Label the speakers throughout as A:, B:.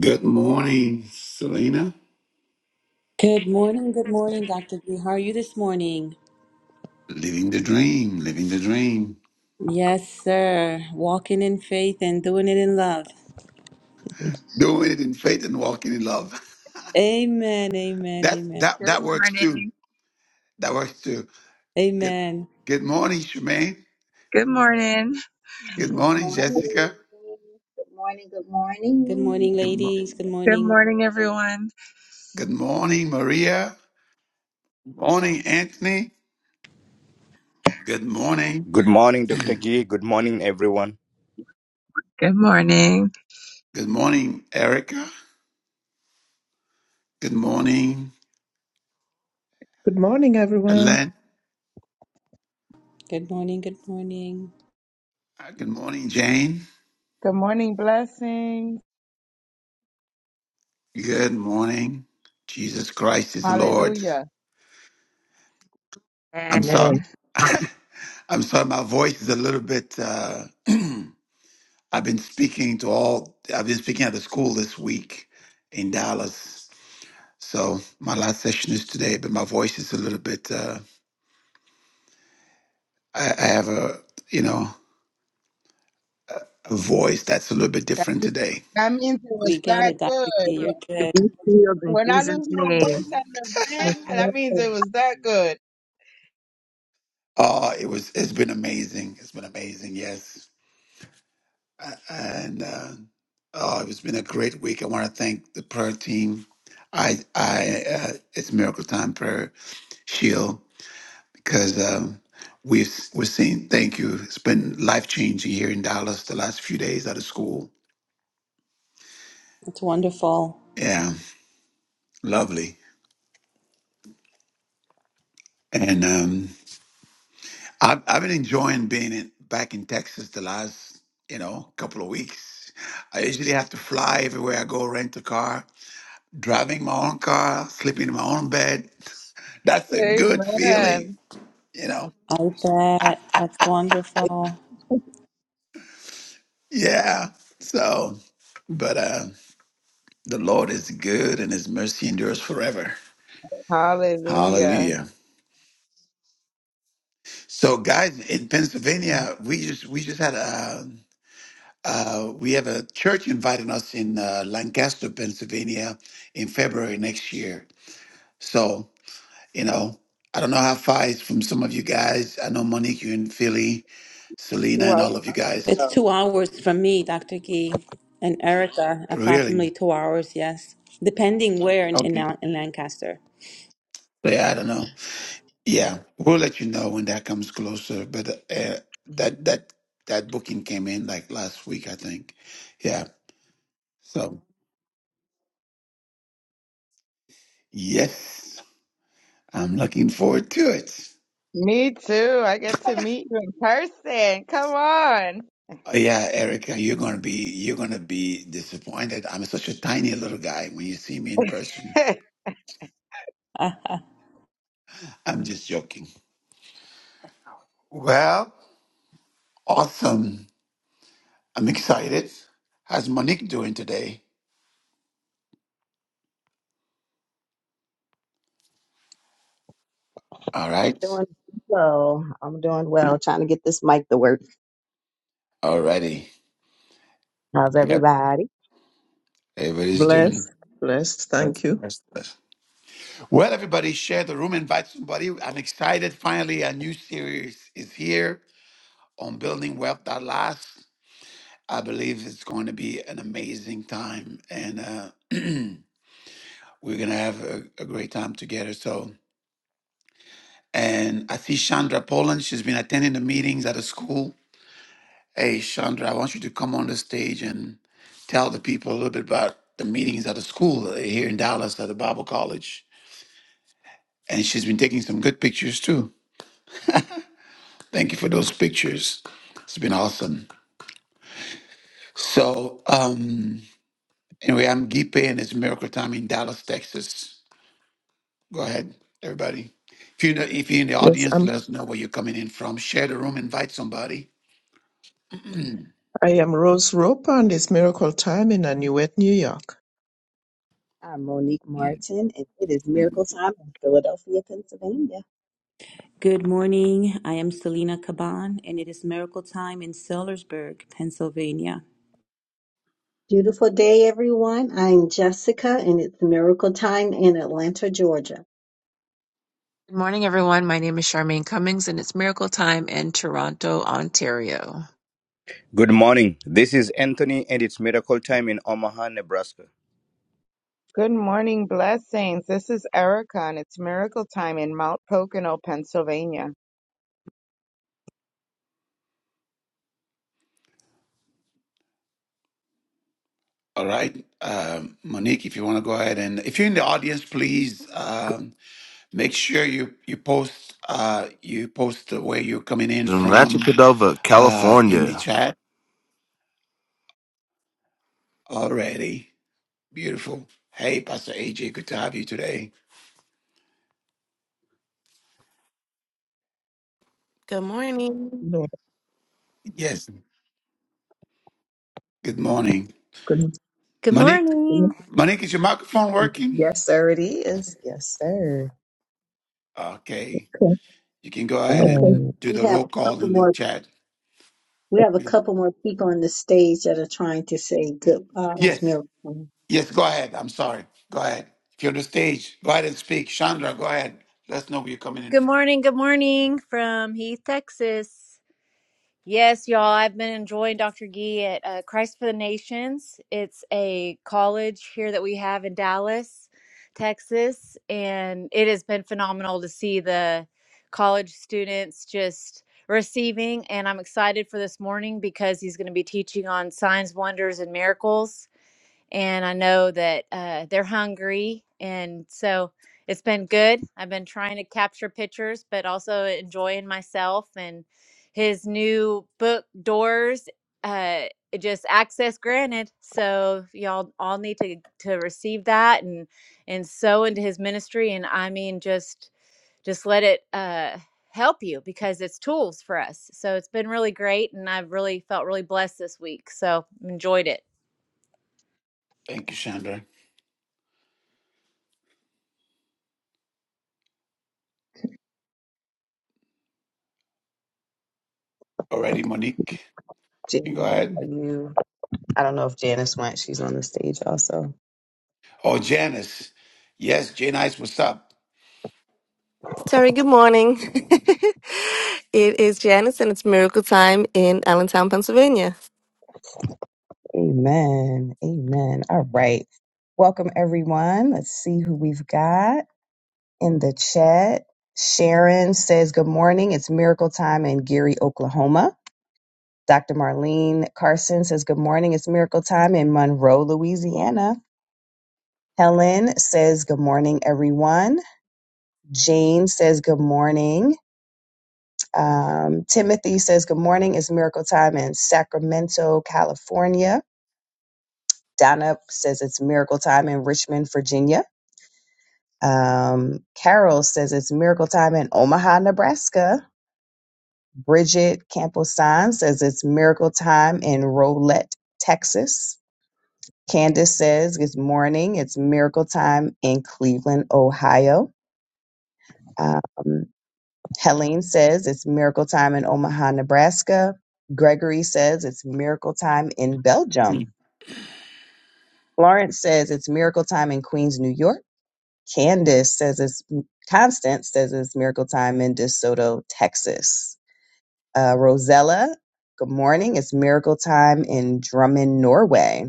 A: Good morning, Selena.
B: Good morning, good morning, Dr. G. How are you this morning?
A: Living the dream, living the dream.
B: Yes, sir. Walking in faith and doing it in love.
A: Doing it in faith and walking in love.
B: Amen, amen,
A: That
B: amen,
A: that
C: Good
A: that works too.
C: morning.
A: That works too. Good
B: amen.
A: good morning, Shemaine.
C: Good morning.
A: Good
B: Mm.
D: Good
A: morning,
D: morning.
A: Jessica.
D: Good morning. Good
B: Good
D: morning.
B: morning,
A: Good, mo-
B: ladies. Good
C: Good
B: morning.
C: morning, everyone.
A: good morning, Maria. Good morning, Anthony. Good morning.
E: Good morning, Dr. Gee. Good morning, everyone.
C: Good morning.
A: Good morning, Erica. Good morning,
F: Good morning, everyone.
A: Ellen.
B: Good morning, good morning.
A: Uh, Good morning, Jane.
G: Good morning, blessings.
A: Good morning. Jesus Christ is Lord.
G: Hallelujah.
C: And
A: I'm sorry.
F: Amen.
C: welcome
A: I'm sorry, my voice is a little bit. Uh, I've been speaking to all. I've been speaking at the school this week in Dallas. So my last session is today, but my voice is a little bit. Uh, I, I have a you know a voice that's a little bit
G: That
A: different
G: means,
A: today.
G: that means it was
B: We get
G: that
B: it, Dr. G.
C: to
B: You're
G: good.
B: good.
C: be healed in
G: When I
C: Jesus'
G: lose my
C: name.
G: voice at an event, that
D: Beautiful
G: means
D: day,
G: it was that good.
A: Oh, it was. It's been amazing. It's been amazing. Yes, A- and uh, oh, it's been a great week. I want to thank the prayer team. I, I, uh, it's Miracle Time Prayer Shield because um, we've we're seeing. Thank you. It's been life changing here in Dallas the last few days out of school.
B: That's wonderful.
A: Yeah, lovely. And um, I've I've been enjoying being in, back in Texas the last you know couple of weeks. I usually have to fly everywhere I go, rent a car, driving my own car, sleeping in my own bed. That's a good feeling,
G: Amen.
A: you know.
B: I bet. That's wonderful.
A: Yeah. So, but uh, the Lord is good, and His mercy endures forever.
G: Hallelujah.
A: Hallelujah. So, guys, in Pennsylvania, we just we just had a uh, we have a church inviting us in uh, Lancaster, Pennsylvania, in February next year. So, you know, I don't know how far it's from some of you guys. I know Monique, you in Philly, Selena,
G: Who I
A: and
G: would
A: all of you
G: love to
A: guys.
B: It's
G: know.
B: two hours from me, Dr. G. And Erica,
A: Really?
B: approximately two hours, yes. Depending where in, in,
A: Okay.
B: Lan- in Lancaster.
A: So, yeah, I don't know. Yeah, we'll let you know when that comes closer. But uh, that that that booking came in like last week, I think. Yeah. So, yes. I'm looking forward to it.
G: Me too. I get to meet you in person. Come on.
A: Oh, yeah, Erica, you're gonna be you're gonna be disappointed. I'm such a tiny little guy when you see me in person. I'm just joking. Well, awesome. I'm excited. How's Monique doing today? All right.
H: Doing well. I'm doing well. Trying to get this mic to work.
A: Alrighty.
H: How's
A: Yep.
H: everybody?
A: Everybody's doing
F: Bless, bless. Thank you.
A: this. Well, everybody, share the room, invite somebody. I'm excited. Finally, a new series is here on building wealth that lasts. I believe it's going to be an amazing time. And uh We're going to have a, a great time together. So, and I see Chandra Poland. She's been attending the meetings at the school. Hey, Chandra, I want you to come on the stage and tell the people a little bit about the meetings at the school here in Dallas at the Bible College. And she's been taking some good pictures too. Thank you for those pictures. It's been awesome. So, um, anyway, I'm Gipe and it's Miracle Time in Dallas, Texas. Go ahead, everybody. If you know, if you're in the
F: Yes,
A: audience,
F: I'm.
A: let us know where you're coming in from. Share the room, invite somebody. Mm,
F: I am Rose Roper, and it's miracle time in Anuet, New York.
H: I'm Monique
A: mm,
H: Martin, and it is
A: mm.
H: miracle time in Philadelphia, Pennsylvania.
B: Good morning. I am Selena Caban, and it is miracle time in Sellersburg, Pennsylvania.
D: Beautiful day, everyone. I'm Jessica, and it's Miracle Time in Atlanta, Georgia.
C: Good morning, everyone. My name is Charmaine Cummings, and it's Miracle Time in Toronto, Ontario.
E: Good morning. This is Anthony, and it's miracle time in Omaha, Nebraska.
G: Good morning, blessings. This is Erica, and it's miracle time in Mount Pocono, Pennsylvania.
A: All right, um, Monique, if you want to go ahead and if you're in the audience, please um, make sure you you post uh, you post where you're coming in
I: in Rancho
A: from
I: Cordova,
A: uh, in the
I: California.
A: chat already. Beautiful. Hey, Pastor AJ, good to have you today.
I: Good morning.
F: No, I
A: Yes. Good morning,
F: couldn't-
J: Good
A: Monique.
J: morning.
F: couldn't-
A: Monique, is your microphone working?
H: Yes, sir, it is. Yes, sir.
A: Okay. You can go ahead
F: Okay.
H: Oh,
A: and do
D: We
A: the
D: have
A: roll
D: a
A: call
D: couple
A: in the
D: more.
A: chat.
D: We have a couple more people on the stage that are trying to say goodbye. It's
A: Yes,
D: Miracle. Time.
A: yes, go ahead. I'm sorry. Go ahead. If you're on the stage, go ahead and speak. Chandra, go ahead. Let us know where you're coming in.
J: Good morning. Good morning from Heath, Texas. Yes, y'all, I've been enjoying Dr. Gee at uh, Christ for the Nations. It's a college here that we have in Dallas, Texas, and it has been phenomenal to see the college students just receiving and I'm excited for this morning because he's going to be teaching on signs, wonders and miracles and I know that uh, they're hungry. And so it's been good. I've been trying to capture pictures, but also enjoying myself and his new book, Doors. Uh, it just access granted. So y'all all need to to receive that and and sow into his ministry. And I mean, just just let it uh, help you because it's tools for us. So it's been really great, and I've really felt really blessed this week. So enjoyed it.
A: Thank you, Chandra. Already, Monique. You can go
H: Jan- are
A: ahead.
H: you? I don't know if Janice went. She's on the stage also.
A: Oh, Janice. Yes, Janice. what's up?
K: Terry, good morning. it is Janice, and it's miracle time in Allentown, Pennsylvania.
H: Amen. Amen. All right. Welcome, everyone. Let's see who we've got in the chat. Sharon says, Good morning. It's miracle time in Gary, Oklahoma. Dr. Marlene Carson says, Good morning. It's miracle time in Monroe, Louisiana. Helen says, Good morning, everyone. Jane says, Good morning. Um, Timothy says, Good morning. It's miracle time in Sacramento, California. Donna says, It's miracle time in Richmond, Virginia. Um, Carol says, It's miracle time in Omaha, Nebraska. Bridget Camposan says, It's miracle time in Rolette, Texas. Candace says, Good morning. It's miracle time in Cleveland, Ohio. Um, Helene says, It's miracle time in Omaha, Nebraska. Gregory says, It's miracle time in Belgium. Florence says, It's miracle time in Queens, New York. Candace says, It's Constance says, It's miracle time in DeSoto, Texas. Uh, Rosella, good morning. It's miracle time in Drummond, Norway.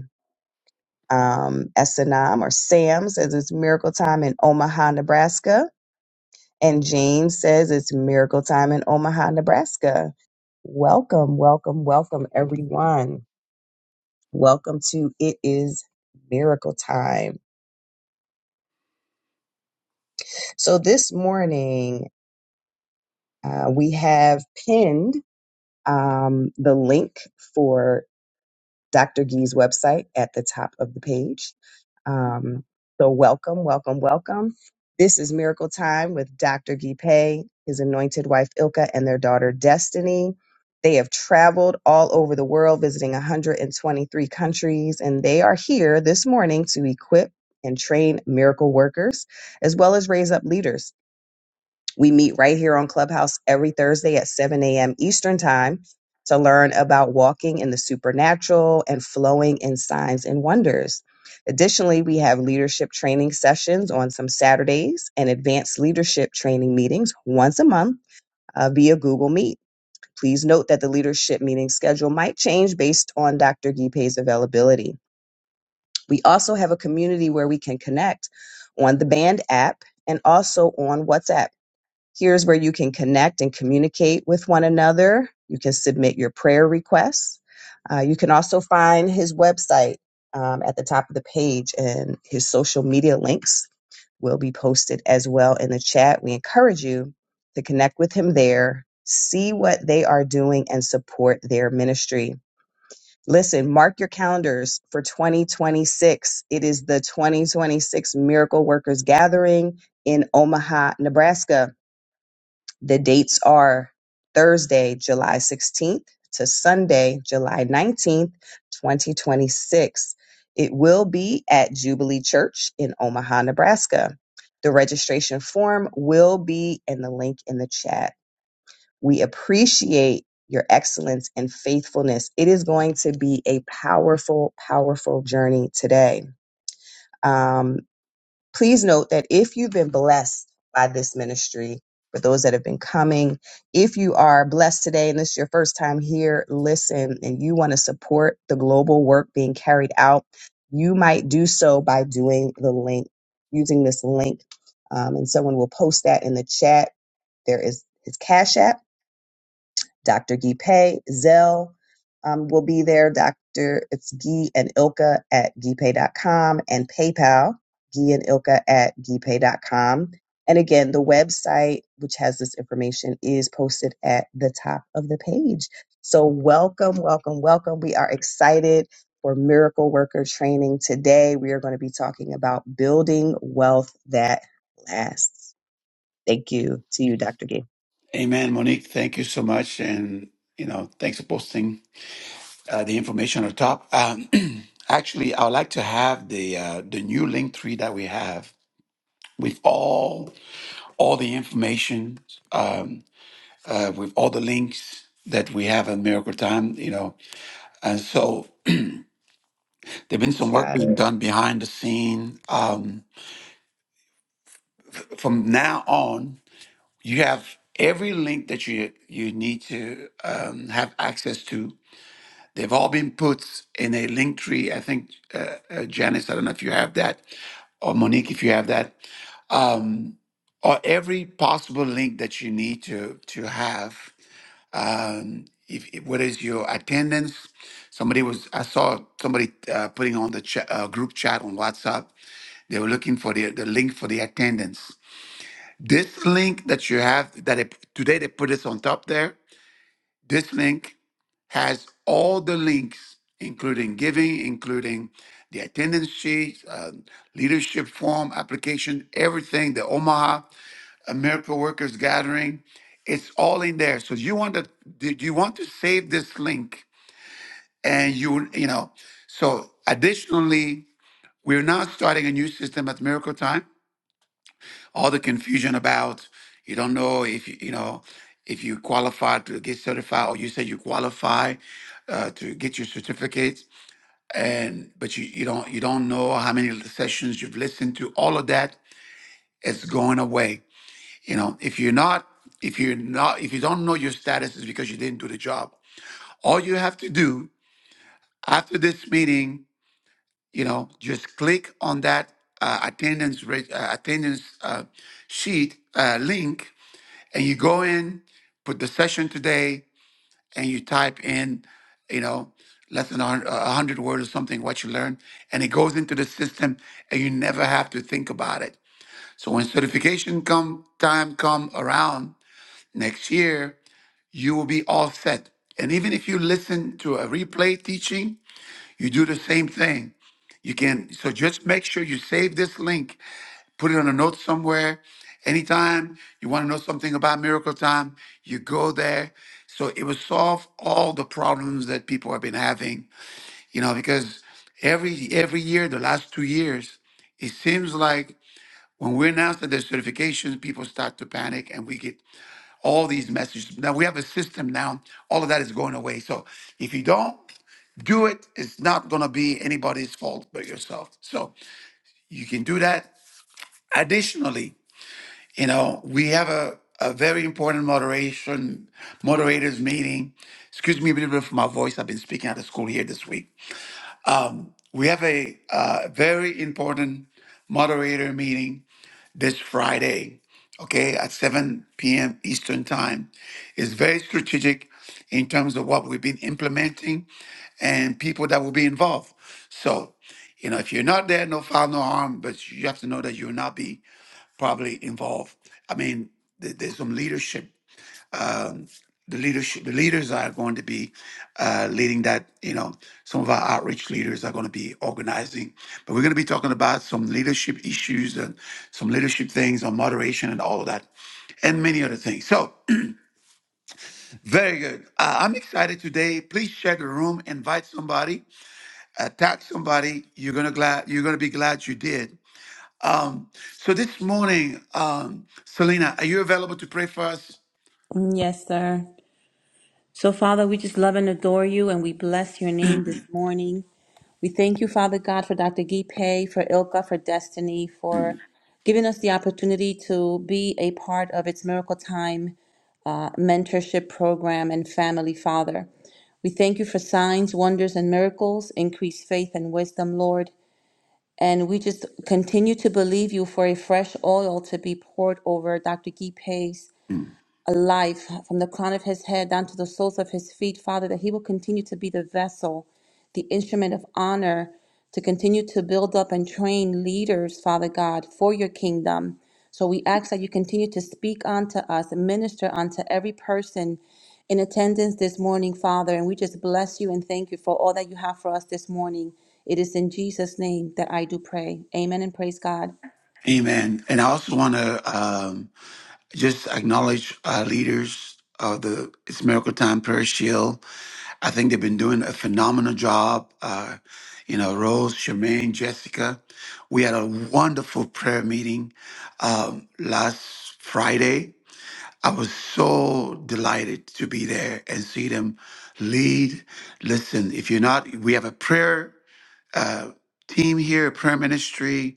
H: um, s or Sam says it's miracle time in Omaha, Nebraska. And James says it's miracle time in Omaha, Nebraska. Welcome, welcome, welcome, everyone. Welcome to It Is Miracle Time. So this morning, uh, we have pinned um, the link for Dr. Gee's website at the top of the page. Um, so, welcome, welcome, welcome. This is Miracle Time with Dr. Gee Pay, his anointed wife Ilka, and their daughter Destiny. They have traveled all over the world, visiting 123 countries, and they are here this morning to equip and train miracle workers, as well as raise up leaders. We meet right here on Clubhouse every Thursday at 7 a.m. Eastern Time to learn about walking in the supernatural and flowing in signs and wonders. Additionally, we have leadership training sessions on some Saturdays and advanced leadership training meetings once a month uh, via Google Meet. Please note that the leadership meeting schedule might change based on Dr. Gipe's availability. We also have a community where we can connect on the Band app and also on WhatsApp. Here's where you can connect and communicate with one another. You can submit your prayer requests. Uh, you can also find his website um, at the top of the page, and his social media links will be posted as well in the chat. We encourage you to connect with him there, see what they are doing, and support their ministry. Listen, mark your calendars for 2026. It is the 2026 Miracle Workers Gathering in Omaha, Nebraska. The dates are Thursday, July 16th to Sunday, July 19th, 2026. It will be at Jubilee Church in Omaha, Nebraska. The registration form will be in the link in the chat. We appreciate your excellence and faithfulness. It is going to be a powerful, powerful journey today. Um, please note that if you've been blessed by this ministry, for those that have been coming, if you are blessed today and this is your first time here, listen, and you want to support the global work being carried out, you might do so by doing the link, using this link. Um, and someone will post that in the chat. There is his Cash App Dr. Gipe Zell um, will be there. Dr. It's Gee and Ilka at gipe.com and PayPal, Gee and Ilka at gipe.com. And again, the website, which has this information, is posted at the top of the page. So welcome, welcome, welcome. We are excited for miracle worker training today. We are going to be talking about building wealth that lasts. Thank you to you, Dr. Gee.
A: Amen, Monique. Thank you so much. And, you know, thanks for posting uh, the information on top. Um, actually, I would like to have the uh, the new link tree that we have with all all the information um, uh, with all the links that we have at Miracle Time, you know. And so there's been some work
H: Got
A: being done behind the scene. Um, from now on, you have every link that you you need to um, have access to. They've all been put in a link tree. I think uh, uh, Janice, I don't know if you have that, or Monique, if you have that, um, or every possible link that you need to to have. um, if, if- what is your attendance? Somebody was I saw somebody uh, putting on the cha- uh, group chat on WhatsApp. They were looking for the the link for the attendance. This link that you have that it, today they put this on top there. This link has all the links, including giving, including the attendance sheet, uh, leadership form application, everything. The Omaha a miracle workers gathering. It's all in there. So you want to do you want to save this link and you you know. So additionally, we're now starting a new system at Miracle Time. All the confusion about you don't know if you you know if you qualify to get certified or you say you qualify uh, to get your certificates, and but you, you don't you don't know how many sessions you've listened to all of that is going away You know, if you're not, if you're not, if you don't know your status, is because you didn't do the job. All you have to do after this meeting, you know, just click on that uh, attendance reg- uh, attendance uh, sheet uh, link, and you go in, put the session today, and you type in, you know, less than a hun- a hundred words or something what you learned, and it goes into the system, and you never have to think about it. So when certification come time come around next year, you will be all set. And even if you listen to a replay teaching, you do the same thing. You can, so just make sure you save this link, put it on a note somewhere. Anytime you want to know something about Miracle Time, you go there. So it will solve all the problems that people have been having, you know, because every every year, the last two years, it seems like when we announce that there's certifications, people start to panic and we get all these messages. Now we have a system now. All of that is going away. So if you don't do it, it's not going to be anybody's fault but yourself. So you can do that. Additionally, you know, we have a, a very important moderation moderators meeting. Excuse me a little bit for my voice. I've been speaking out of school here this week. We have a uh, very important moderator meeting this Friday, okay, at 7 p.m. Eastern Time. It's very strategic in terms of what we've been implementing and people that will be involved. So, you know, if you're not there, no foul, no harm, but you have to know that you'll not be probably involved. I mean, th- there's some leadership um, the leadership, the leaders are going to be uh, leading that. You know, some of our outreach leaders are going to be organizing, but we're going to be talking about some leadership issues and some leadership things on moderation and all of that, and many other things. So, very good. Uh, I'm excited today. Please share the room, invite somebody, uh, tag somebody. You're gonna glad you're gonna be glad you did. Um, so this morning, um, Selena, are you available to pray for us?
B: Mm, Yes, sir. So, Father, we just love and adore you, and we bless your name this morning. We thank you, Father God, for Dr. Gipe, for Ilka, for Destiny, for giving us the opportunity to be a part of its Miracle Time uh, mentorship program and family, Father. We thank you for signs, wonders, and miracles. Increase faith and wisdom, Lord. And we just continue to believe you for a fresh oil to be poured over Dr. Gee Pace alive from the crown of his head down to the soles of his feet, Father, that he will continue to be the vessel, the instrument of honor, to continue to build up and train leaders, Father God, for your kingdom. So we ask that you continue to speak unto us and minister unto every person in attendance this morning, Father. And we just bless you and thank you for all that you have for us this morning. It is in Jesus' name that I do pray. Amen and praise God.
A: Amen. And I also want to um, just acknowledge uh, leaders of the It's Miracle Time Prayer Shield. I think they've been doing a phenomenal job. Uh, you know, Rose, Charmaine, Jessica. We had a wonderful prayer meeting um, last Friday. I was so delighted to be there and see them lead. Listen, if you're not, we have a prayer uh, team here, prayer ministry.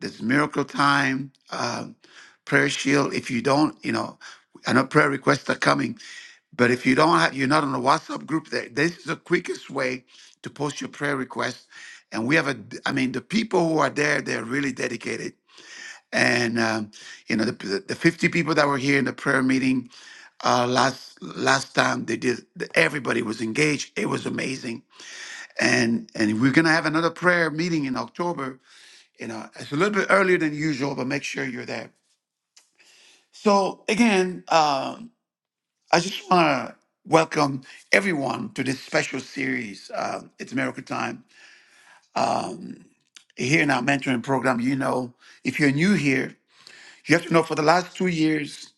A: There's miracle time, um, prayer shield. If you don't, you know, I know prayer requests are coming, but if you don't have, you're not on the WhatsApp group. There, this is the quickest way to post your prayer request. And we have a, I mean, the people who are there, they're really dedicated. And um, you know, the, the the 50 people that were here in the prayer meeting uh, last last time, they did. Everybody was engaged. It was amazing. And and we're gonna have another prayer meeting in October you know it's a little bit earlier than usual but make sure you're there so again um, i just want to welcome everyone to this special series uh, it's miracle time um, here in our mentoring program you know if you're new here you have to know for the last two years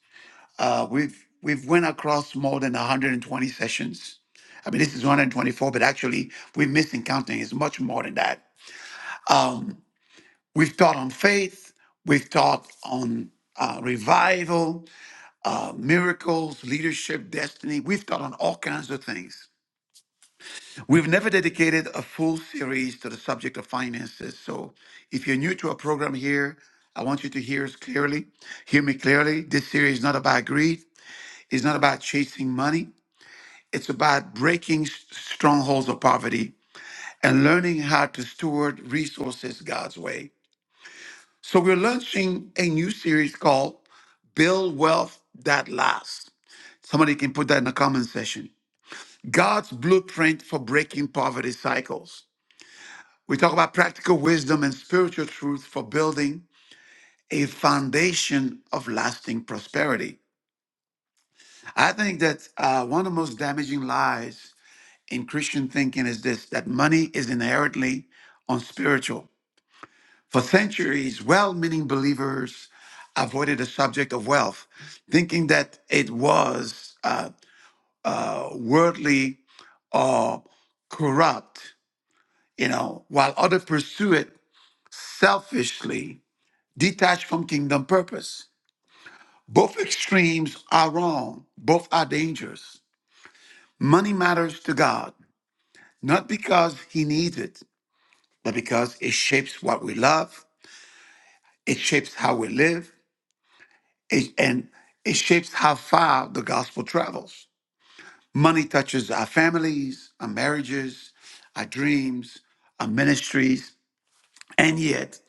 A: uh, we've we've went across more than 120 sessions I mean, this is 124, but actually, we're missing counting. It's much more than that. Um, we've taught on faith. We've taught on uh, revival. uh, miracles, leadership, destiny. We've taught on all kinds of things. We've never dedicated a full series to the subject of finances. So if you're new to our program here, I want you to hear us clearly. Hear me clearly. This series is not about greed, it's not about chasing money, it's about breaking s- strongholds of poverty and learning how to steward resources God's way. So we're launching a new series called Build Wealth That Lasts. Somebody can put that in the comment section. God's blueprint for breaking poverty cycles. We talk about practical wisdom and spiritual truth for building a foundation of lasting prosperity. I think that uh, one of the most damaging lies in Christian thinking is this that money is inherently unspiritual. For centuries, well meaning believers avoided the subject of wealth, thinking that it was uh, uh, worldly or corrupt. you know, while others pursue it selfishly, detached from kingdom purpose. Both extremes are wrong, both are dangerous. Money matters to God, not because He needs it, but because it shapes what we love, it shapes how we live, it, and it shapes how far the gospel travels. Money touches our families, our marriages, our dreams, our ministries. And yet,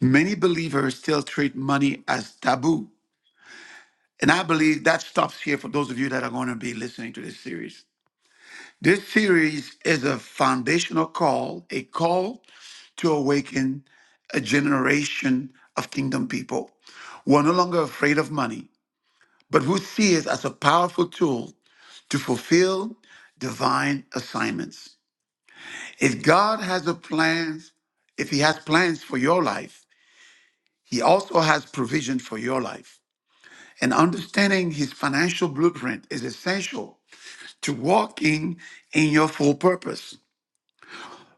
A: many believers still treat money as taboo. And I believe that stops here for those of you that are going to be listening to this series. This series is a foundational call, a call to awaken a generation of kingdom people who are no longer afraid of money, but who see it as a powerful tool to fulfill divine assignments. If God has a plan, if He has plans for your life, He also has provision for your life. And understanding his financial blueprint is essential to walking in your full purpose.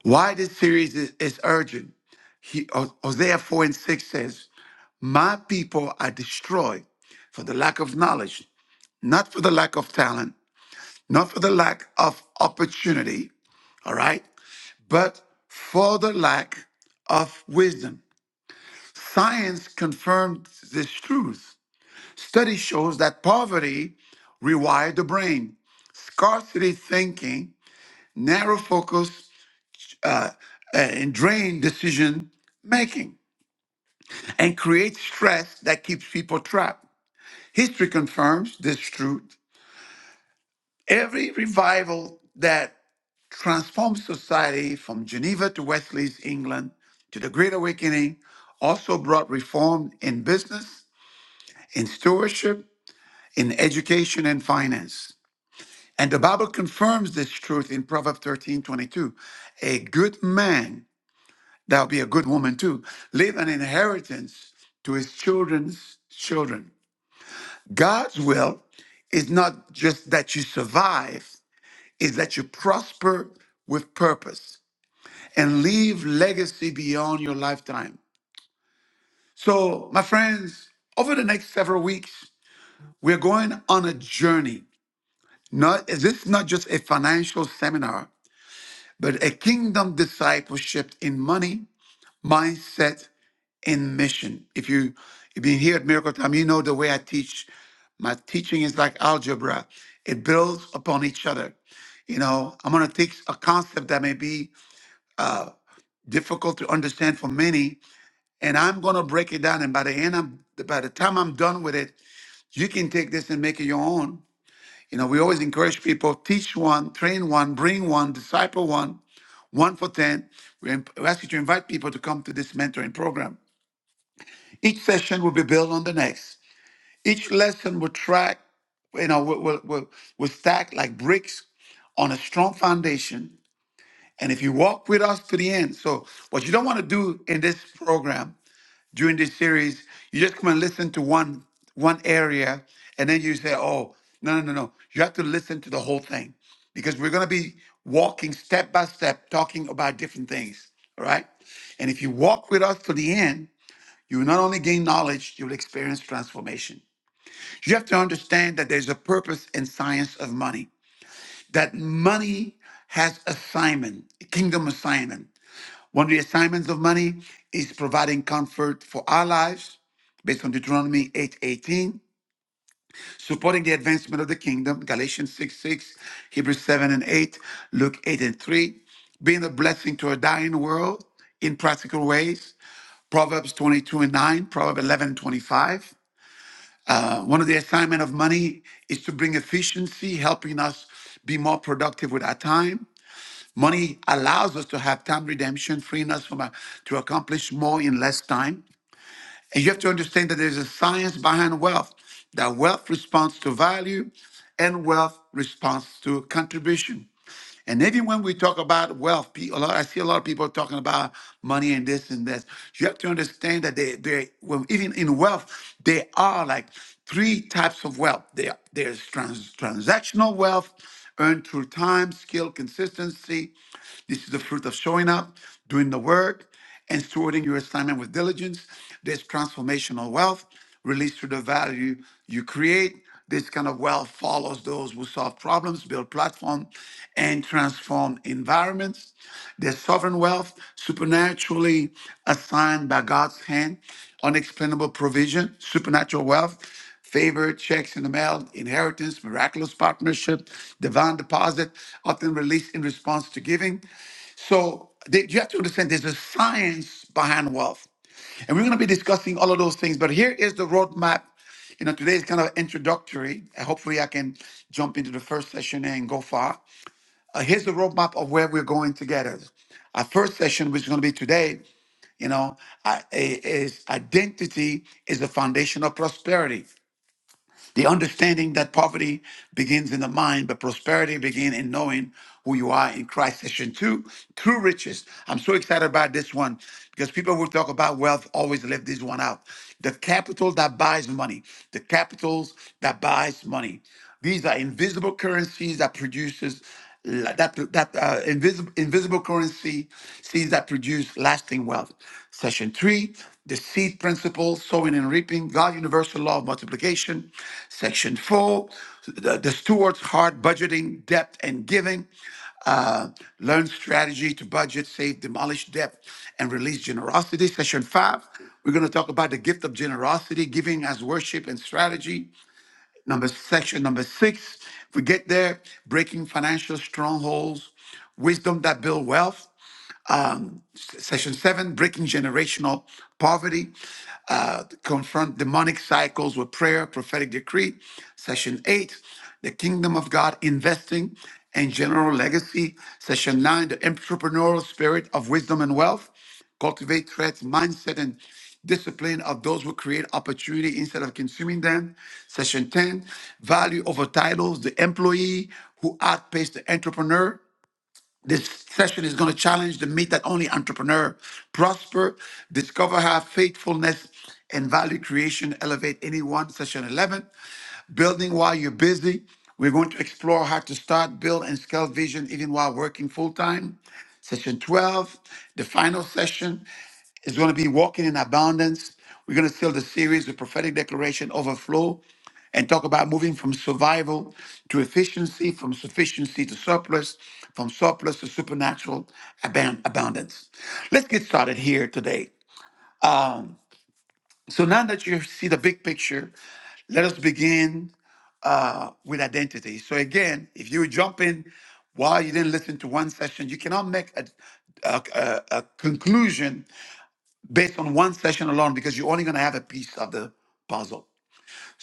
A: Why this series is, is urgent? He, O- Hosea 4 and 6 says, My people are destroyed for the lack of knowledge, not for the lack of talent, not for the lack of opportunity, all right, but for the lack of wisdom. Science confirms this truth Study shows that poverty rewired the brain. Scarcity thinking, narrow focus, uh, uh, and drained decision making, and creates stress that keeps people trapped. History confirms this truth. Every revival that transformed society from Geneva to Wesley's England to the Great Awakening also brought reform in business, in stewardship, in education and finance. And the Bible confirms this truth in Proverbs thirteen twenty two. A good man, that'll be a good woman too, leave an inheritance to his children's children. God's will is not just that you survive, is that you prosper with purpose and leave legacy beyond your lifetime. So, my friends, over the next several weeks, we're going on a journey. Not, this is not just a financial seminar. but a kingdom discipleship in money, mindset, and mission. If you if you've been here at Miracle Time, you know the way I teach. My teaching is like algebra. It builds upon each other. You know, I'm gonna take a concept that may be difficult to understand for many, and I'm gonna break it down. And by the end, I'm by the time I'm done with it, you can take this and make it your own. You know, we always encourage people teach one, train one, bring one, disciple one one for 10. We ask you to invite people to come to this mentoring program. Each session will be built on the next. Each lesson will track, you know, will, will, will, will stack like bricks on a strong foundation. And if you walk with us to the end, so what you don't want to do in this program during this series. You just come and listen to one one area, and then you say, "Oh, no, no, no, no!" You have to listen to the whole thing because we're going to be walking step by step, talking about different things. All right, and if you walk with us to the end, you will not only gain knowledge, you will experience transformation. You have to understand that there's a purpose and science of money. That money has assignment, a kingdom assignment. One of the assignments of money is providing comfort for our lives based on Deuteronomy 8:18, supporting the advancement of the kingdom, Galatians 6, 6, Hebrews 7 and 8, Luke 8 and 3, being a blessing to a dying world in practical ways, Proverbs 22 and 9, Proverbs 11 and 25. Uh, one of the assignment of money is to bring efficiency, helping us be more productive with our time. Money allows us to have time redemption, freeing us from a, to accomplish more in less time. And you have to understand that there's a science behind wealth, that wealth responds to value and wealth responds to contribution. And even when we talk about wealth, pe- a lot, I see a lot of people talking about money and this and that. You have to understand that they, they, well, even in wealth, there are like three types of wealth. There, there's trans, transactional wealth earned through time, skill, consistency, this is the fruit of showing up, doing the work, and stewarding your assignment with diligence. There's transformational wealth released through the value you create. This kind of wealth follows those who solve problems, build platform, and transform environments. There's sovereign wealth, supernaturally assigned by God's hand, unexplainable provision, supernatural wealth, favor, checks in the mail, inheritance, miraculous partnership, divine deposit, often released in response to giving. So that you have to understand there's a science behind wealth. And we're going to be discussing all of those things. But here is the roadmap. You know, today is kind of introductory. Uh, Hopefully, I can jump into the first session and go far. Uh, here's the roadmap of where we're going together. Our first session, which is going to be today, you know, I- i- is identity is the foundation of prosperity. The understanding that poverty begins in the mind, but prosperity begins in knowing who you are in Christ. Session two, true riches. I'm so excited about this one because people who talk about wealth always leave this one out. The capital that buys money, the capitals that buys money. These are invisible currencies that produces la- that that uh, invisible invisible currency seeds that produce lasting wealth. Session three, the seed principle, sowing and reaping, God's universal law of multiplication. Section four, the, the steward's heart, budgeting, debt and giving. Uh, learn strategy to budget, save, demolish debt, and release generosity. Session five, we're going to talk about the gift of generosity, giving as worship and strategy. Number section number six, if we get there, breaking financial strongholds, wisdom that build wealth. Um, s- section seven, breaking generational poverty uh, confront demonic cycles with prayer, prophetic decree. Session eight, the kingdom of God investing and general legacy. Session nine, the entrepreneurial spirit of wisdom and wealth. Cultivate threats, mindset, and discipline of those who create opportunity instead of consuming them. Session 10, value over titles, the employee who outpaced the entrepreneur. This session is going to challenge the myth that only entrepreneur prosper, discover how faithfulness and value creation elevate anyone. Session 11. Building while you're busy. We're going to explore how to start, build, and scale vision even while working full time. Session 12, the final session, is going to be walking in abundance. We're going to seal the series with prophetic declaration overflow and talk about moving from survival to efficiency, from sufficiency to surplus, from surplus to supernatural aban- abundance. Let's get started here today. So now that you see the big picture, let us begin uh, with identity. So again, if you jump in while you didn't listen to one session, you cannot make a, a, a- a conclusion based on one session alone because you're only going to have a piece of the puzzle.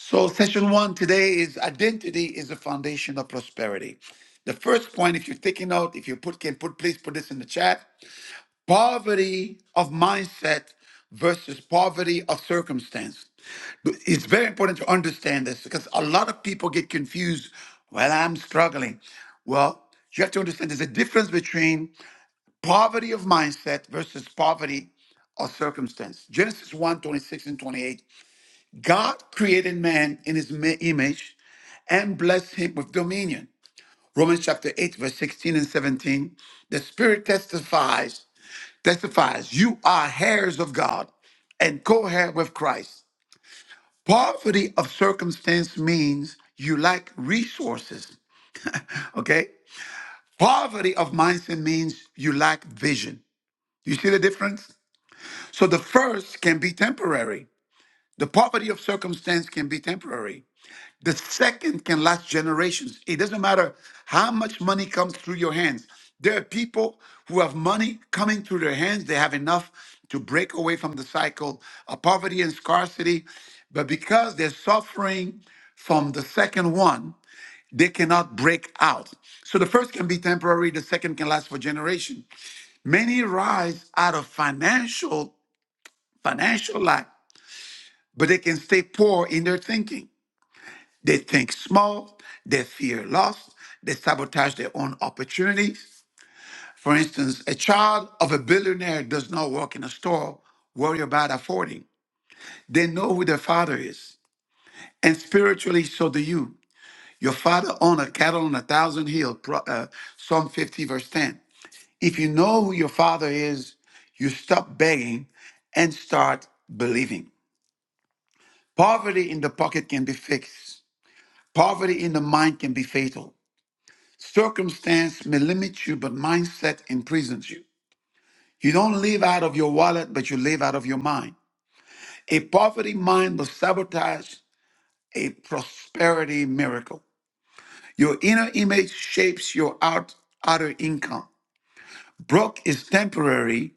A: So session one today is identity is the foundation of prosperity. The first point, if you're taking note, if you put can put please put this in the chat. Poverty of mindset versus poverty of circumstance it's very important to understand this because a lot of people get confused. Well, I'm struggling. Well, you have to understand there's a difference between poverty of mindset versus poverty of circumstance. Genesis one 26 and 28. God created man in his ma- image and blessed him with dominion. Romans chapter 8, verse 16 and 17. The Spirit testifies, testifies, you are heirs of God and co heir with Christ. Poverty of circumstance means you lack resources. Okay. Poverty of mindset means you lack vision. You see the difference? So the first can be temporary. The poverty of circumstance can be temporary. The second can last generations. It doesn't matter how much money comes through your hands. There are people who have money coming through their hands. They have enough to break away from the cycle of poverty and scarcity. But because they're suffering from the second one, they cannot break out. So the first can be temporary, the second can last for generation. Many rise out of financial financial lack, but they can stay poor in their thinking. They think small, they fear loss, they sabotage their own opportunities. For instance, a child of a billionaire does not work in a store, worry about affording. They know who their father is. And spiritually, so do you. Your father owned a cattle on a thousand hill, Pro- uh, Psalm 50, verse 10. If you know who your father is, you stop begging and start believing. Poverty in the pocket can be fixed. Poverty in the mind can be fatal. Circumstance may limit you, but mindset imprisons you. You don't live out of your wallet, but you live out of your mind. A poverty mind will sabotage a prosperity miracle. Your inner image shapes your out, outer income. Broke is temporary,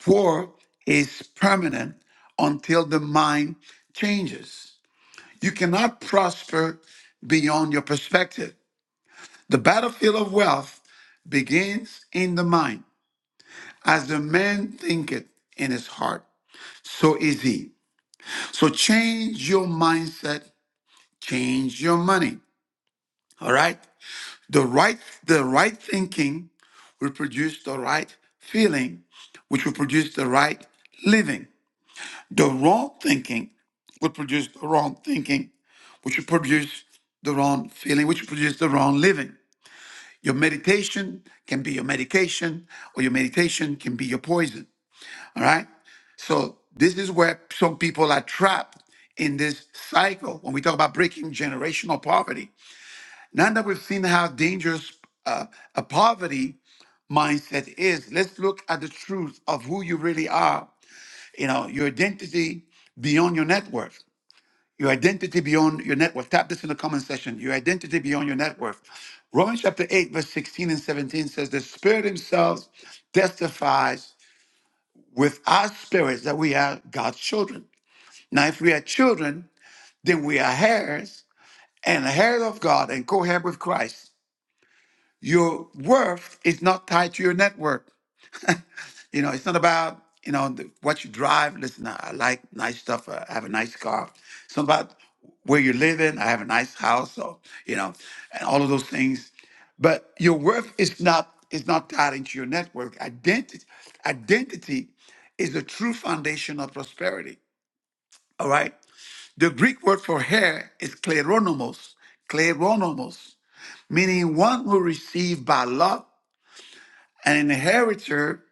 A: poor is permanent until the mind changes. You cannot prosper beyond your perspective. The battlefield of wealth begins in the mind. As the man thinketh in his heart, so is he. So change your mindset, change your money. All right? The right the right thinking will produce the right feeling, which will produce the right living. The wrong thinking will produce the wrong thinking, which will produce the wrong feeling, which will produce the wrong living. Your meditation can be your medication, or your meditation can be your poison. All right. So this is where some people are trapped in this cycle when we talk about breaking generational poverty. Now that we've seen how dangerous uh, a poverty mindset is, let's look at the truth of who you really are. You know, your identity beyond your net worth. Your identity beyond your net worth. Tap this in the comment section. Your identity beyond your net worth. Romans chapter 8, verse 16 and 17 says, The Spirit Himself testifies with our spirits that we are God's children. Now, if we are children, then we are heirs and heirs of God and co heir with Christ. Your worth is not tied to your network. You know, it's not about, you know, the, what you drive. Listen, I, I like nice stuff. uh, I have a nice car. It's not about where you live in. I have a nice house. So, you know, and all of those things. But your worth is not is not tied into your network. Identity, identity is the true foundation of prosperity. All right. The Greek word for hair is kleronomos, kleronomos, meaning one who received by lot, an inheritor,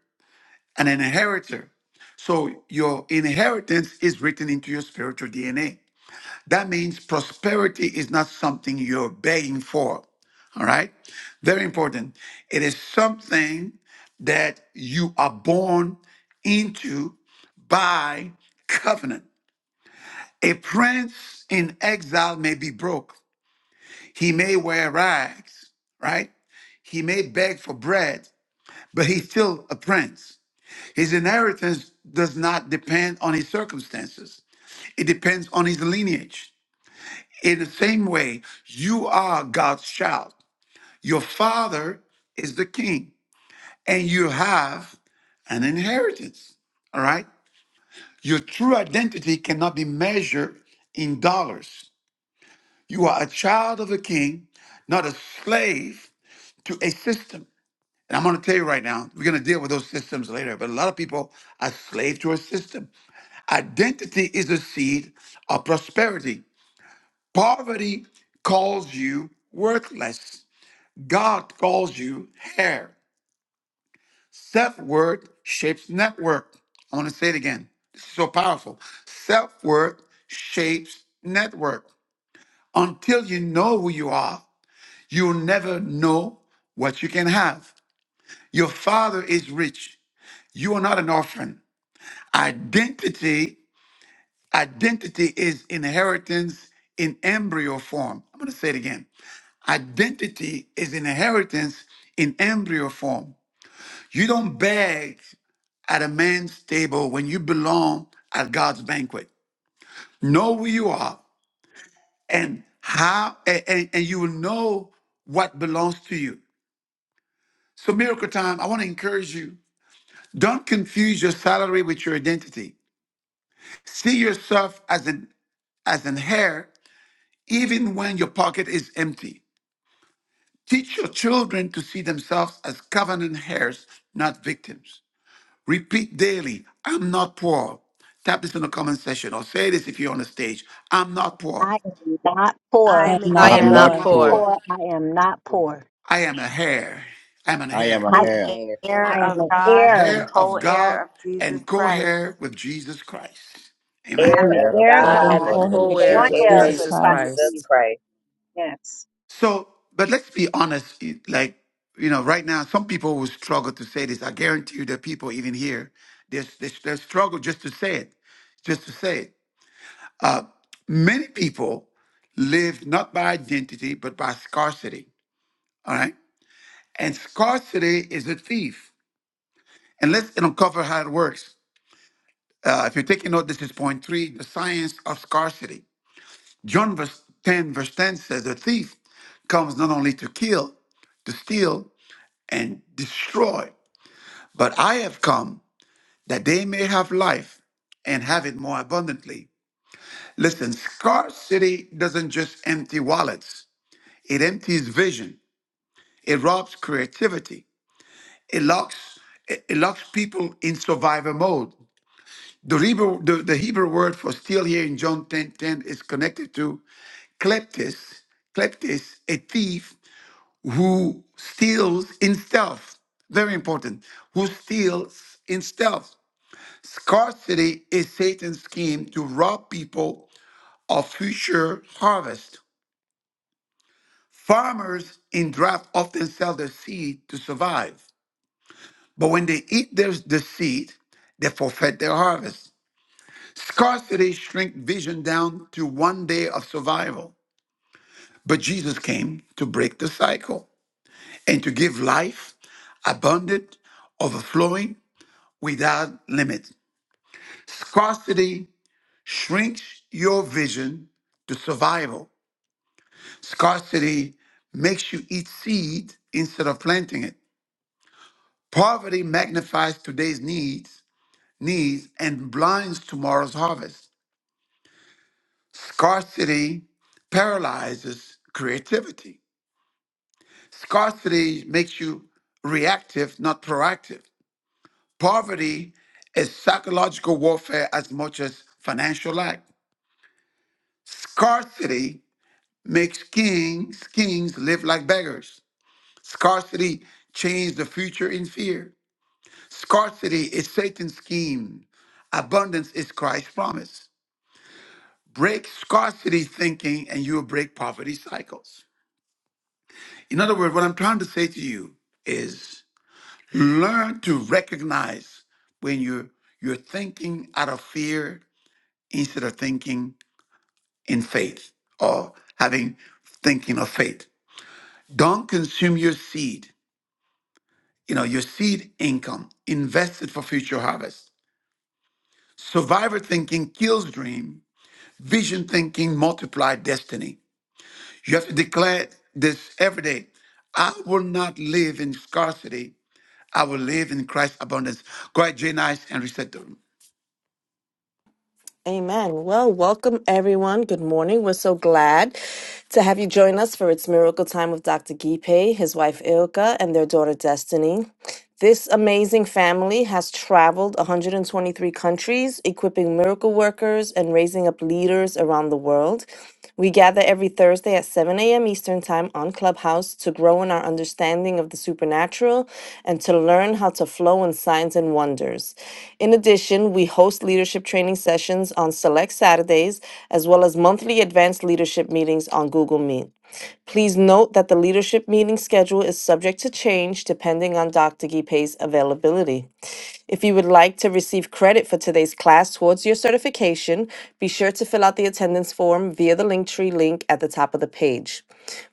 A: an inheritor. So your inheritance is written into your spiritual DNA. That means prosperity is not something you're begging for. All right? Very important. It is something that you are born into by covenant. A prince in exile may be broke, He may wear rags, right? He may beg for bread, but he's still a prince. His inheritance does not depend on his circumstances, it depends on his lineage. In the same way, you are God's child. Your father is the king, and you have an inheritance. All right? Your true identity cannot be measured in dollars. You are a child of a king, not a slave to a system. And I'm going to tell you right now, we're going to deal with those systems later. But a lot of people are slave to a system. Identity is a seed of prosperity. Poverty calls you worthless. God calls you hair. Self-worth shapes network. I want to say it again. This is so powerful. Self-worth shapes network. Until you know who you are, you'll never know what you can have. Your father is rich. You are not an orphan. Identity, identity is inheritance in embryo form. I'm going to say it again. Identity is inheritance in embryo form. You don't beg at a man's table when you belong at God's banquet. Know who you are and how a- and, and you will know what belongs to you. So miracle time, I want to encourage you. Don't confuse your salary with your identity. See yourself as an as an heir even when your pocket is empty. Teach your children to see themselves as covenant heirs, not victims. Repeat daily, I'm not poor. Tap this in the comment section or say this if you're on the stage. I'm not poor.
D: I am not
L: I
D: poor.
L: am an
D: I
K: I
B: God
K: am
E: I'm
L: heir,
D: am
E: not
K: not
B: pour,
D: not
K: poor.
E: poor.
D: poor. I am not poor.
A: I am a heir. I'm an
E: I am
A: heir.
E: a
D: I,
L: an
E: heir,
H: it.
D: I
L: heir
D: am
L: of
D: an
L: God
D: heir.
L: and
A: Heir
L: co
A: of God
L: heir of Jesus
A: and co
L: Christ.
A: heir with Jesus Christ. Amen.
H: heir
D: I'm an
E: heir
H: of
E: of
D: heir of
E: God
B: God
K: I
E: and
H: God
B: and
K: am
D: God
K: a
E: co
B: pour
E: heir
H: and
E: with
B: here,
K: co
D: and
K: heir
D: joint
E: Jesus
K: with
D: heir
H: co-heir
B: Jesus
H: with
D: with
E: Christ.
K: Jesus
B: Christ.
D: Christ
H: Jesus
K: Christ.
D: Jesus.
H: Christ.
D: Yes.
A: So, but let's be honest. Like, you know, right now, some people will struggle to say this. I guarantee you, there are people even here. They they they struggle just to say it, just to say it. Uh, many people live not by identity but by scarcity. All right, and scarcity is a thief. And let's uncover how it works. Uh, if you're taking note, this is point three: the science of scarcity. John verse ten verse ten says, "The thief comes not only to kill, to steal." and destroyed. But I have come that they may have life and have it more abundantly. Listen, scarcity doesn't just empty wallets, it empties vision, it robs creativity, it locks, it, it locks people in survival mode. The Hebrew, the, the Hebrew word for steal here in John 10:10 is connected to kleptis, kleptis, a thief who steals in stealth. Very important. Who steals in stealth. Scarcity is Satan's scheme to rob people of future harvest. Farmers in drought often sell their seed to survive, but when they eat their, the seed, they forfeit their harvest. Scarcity shrinks vision down to one day of survival, but Jesus came to break the cycle and to give life abundant, overflowing, without limit. Scarcity shrinks your vision to survival, Scarcity makes you eat seed instead of planting it. Poverty magnifies today's needs, needs and blinds tomorrow's harvest. Scarcity paralyzes creativity. Scarcity makes you reactive, not proactive. Poverty is psychological warfare as much as financial lack. Scarcity makes kings, kings live like beggars. Scarcity changes the future in fear. Scarcity is Satan's scheme. Abundance is Christ's promise. Break scarcity thinking and you'll break poverty cycles. In other words, what I'm trying to say to you is learn to recognize when you're you're thinking out of fear instead of thinking in faith or having thinking of faith. Don't consume your seed, you know, your seed income, invest it for future harvest. Survivor thinking kills dream Vision thinking multiply destiny. You have to declare this every day. I will not live in scarcity. I will live in Christ's abundance. Go ahead, Janice, and reset the room.
K: Amen. Well, welcome everyone. Good morning. We're so glad to have you join us for It's Miracle Time with Dr. Gipe, his wife Ilka, and their daughter Destiny. This amazing family has traveled 123 countries, equipping miracle workers and raising up leaders around the world. We gather every Thursday at 7 a.m. Eastern Time on Clubhouse to grow in our understanding of the supernatural and to learn how to flow in signs and wonders. In addition, we host leadership training sessions on select Saturdays, as well as monthly advanced leadership meetings on Google Meet. Please note that the leadership meeting schedule is subject to change depending on Dr. Gipe's availability. If you would like to receive credit for today's class towards your certification, be sure to fill out the attendance form via the Linktree link at the top of the page.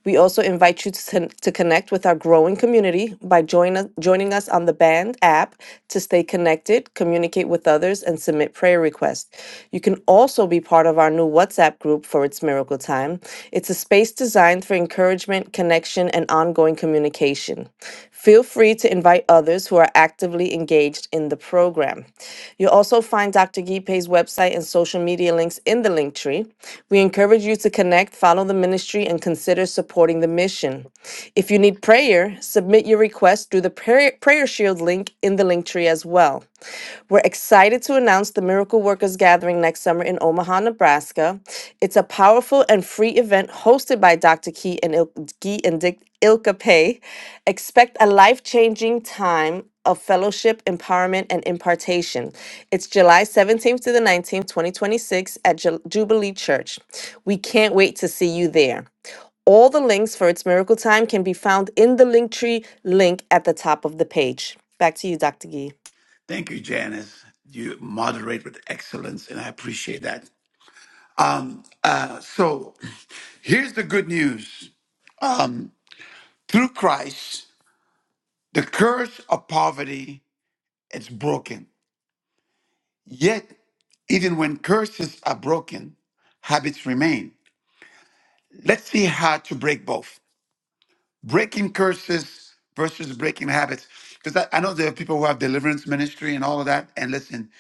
K: We also invite you to, con- to connect with our growing community by join us, joining us on the Band app to stay connected, communicate with others, and submit prayer requests. You can also be part of our our new WhatsApp group for its Miracle Time. It's a space designed for encouragement, connection, and ongoing communication. Feel free to invite others who are actively engaged in the program. You'll also find Dr. Gipe's website and social media links in the link tree. We encourage you to connect, follow the ministry, and consider supporting the mission. If you need prayer, submit your request through the prayer, prayer Shield link in the link tree as well. We're excited to announce the Miracle Workers Gathering next summer in Omaha, Nebraska. It's a powerful and free event hosted by Dr. Key and, Il- Gee and Dick Ilka Pei. Expect a life changing time of fellowship, empowerment, and impartation. It's July 17th to the 19th, 2026, at Ju- Jubilee Church. We can't wait to see you there. All the links for its miracle time can be found in the Linktree link at the top of the page. Back to you, Dr. Gee.
A: Thank you, Janice. You moderate with excellence, and I appreciate that. Um, uh, so here's the good news. Um, through Christ, the curse of poverty is broken. Yet, even when curses are broken, habits remain. let's see how to break both breaking curses versus breaking habits because I, I know there are people who have deliverance ministry and all of that and listen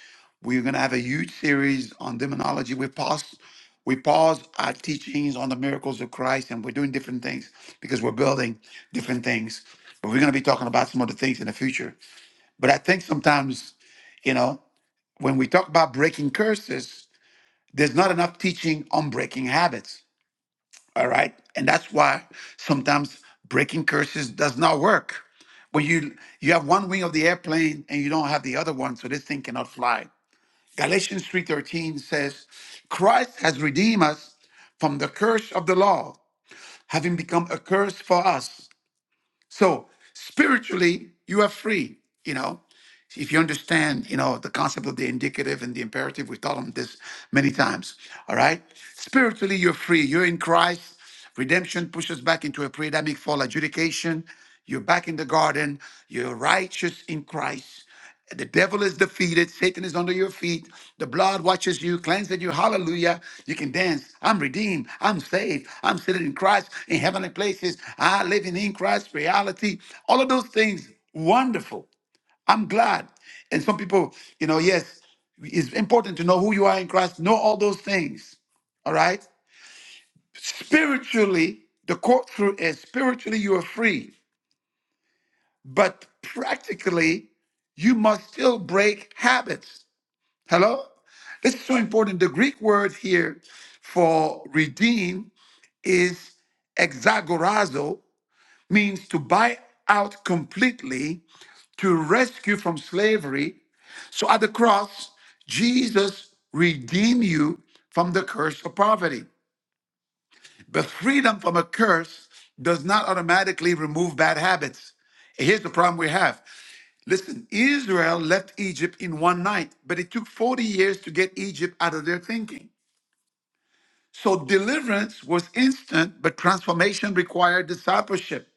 A: we're going to have a huge series on demonology we paused we paused our teachings on the miracles of christ and we're doing different things because we're building different things but we're going to be talking about some other things in the future but i think sometimes you know when we talk about breaking curses there's not enough teaching on breaking habits all right. And that's why sometimes breaking curses does not work. When you you have one wing of the airplane and you don't have the other one, so this thing cannot fly. Galatians 3:13 says, Christ has redeemed us from the curse of the law, having become a curse for us. So spiritually, you are free, you know if you understand, you know, the concept of the indicative and the imperative, we've taught them this many times. All right. Spiritually, you're free. You're in Christ. Redemption pushes back into a pre-Adamic fall adjudication. You're back in the garden. You're righteous in Christ. The devil is defeated. Satan is under your feet. The blood watches you, cleanses you. Hallelujah. You can dance. I'm redeemed. I'm saved. I'm seated in Christ in heavenly places. I live in, in Christ reality. All of those things, wonderful. I'm glad. And some people, you know, yes, it's important to know who you are in Christ, know all those things. All right. Spiritually, the quote through is spiritually you are free, but practically, you must still break habits. Hello? This is so important. The Greek word here for redeem is exagorazo, means to buy out completely, to rescue from slavery, So at the cross, Jesus redeemed you from the curse of poverty. But freedom from a curse does not automatically remove bad habits. And Here's the problem we have. Listen, Israel left Egypt in one night, but it took 40 years to get Egypt out of their thinking. So deliverance was instant, but transformation required discipleship.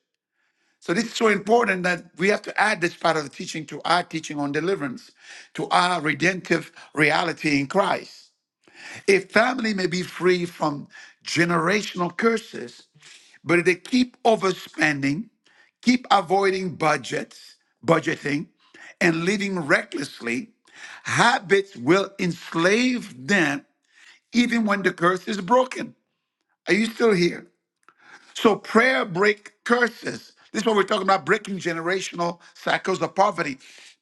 A: So this is so important that we have to add this part of the teaching to our teaching on deliverance, to our redemptive reality in Christ. A family may be free from generational curses, but if they keep overspending, keep avoiding budgets, budgeting, and living recklessly, habits will enslave them even when the curse is broken. Are you still here? So prayer break curses. This is what we're talking about breaking generational cycles of poverty.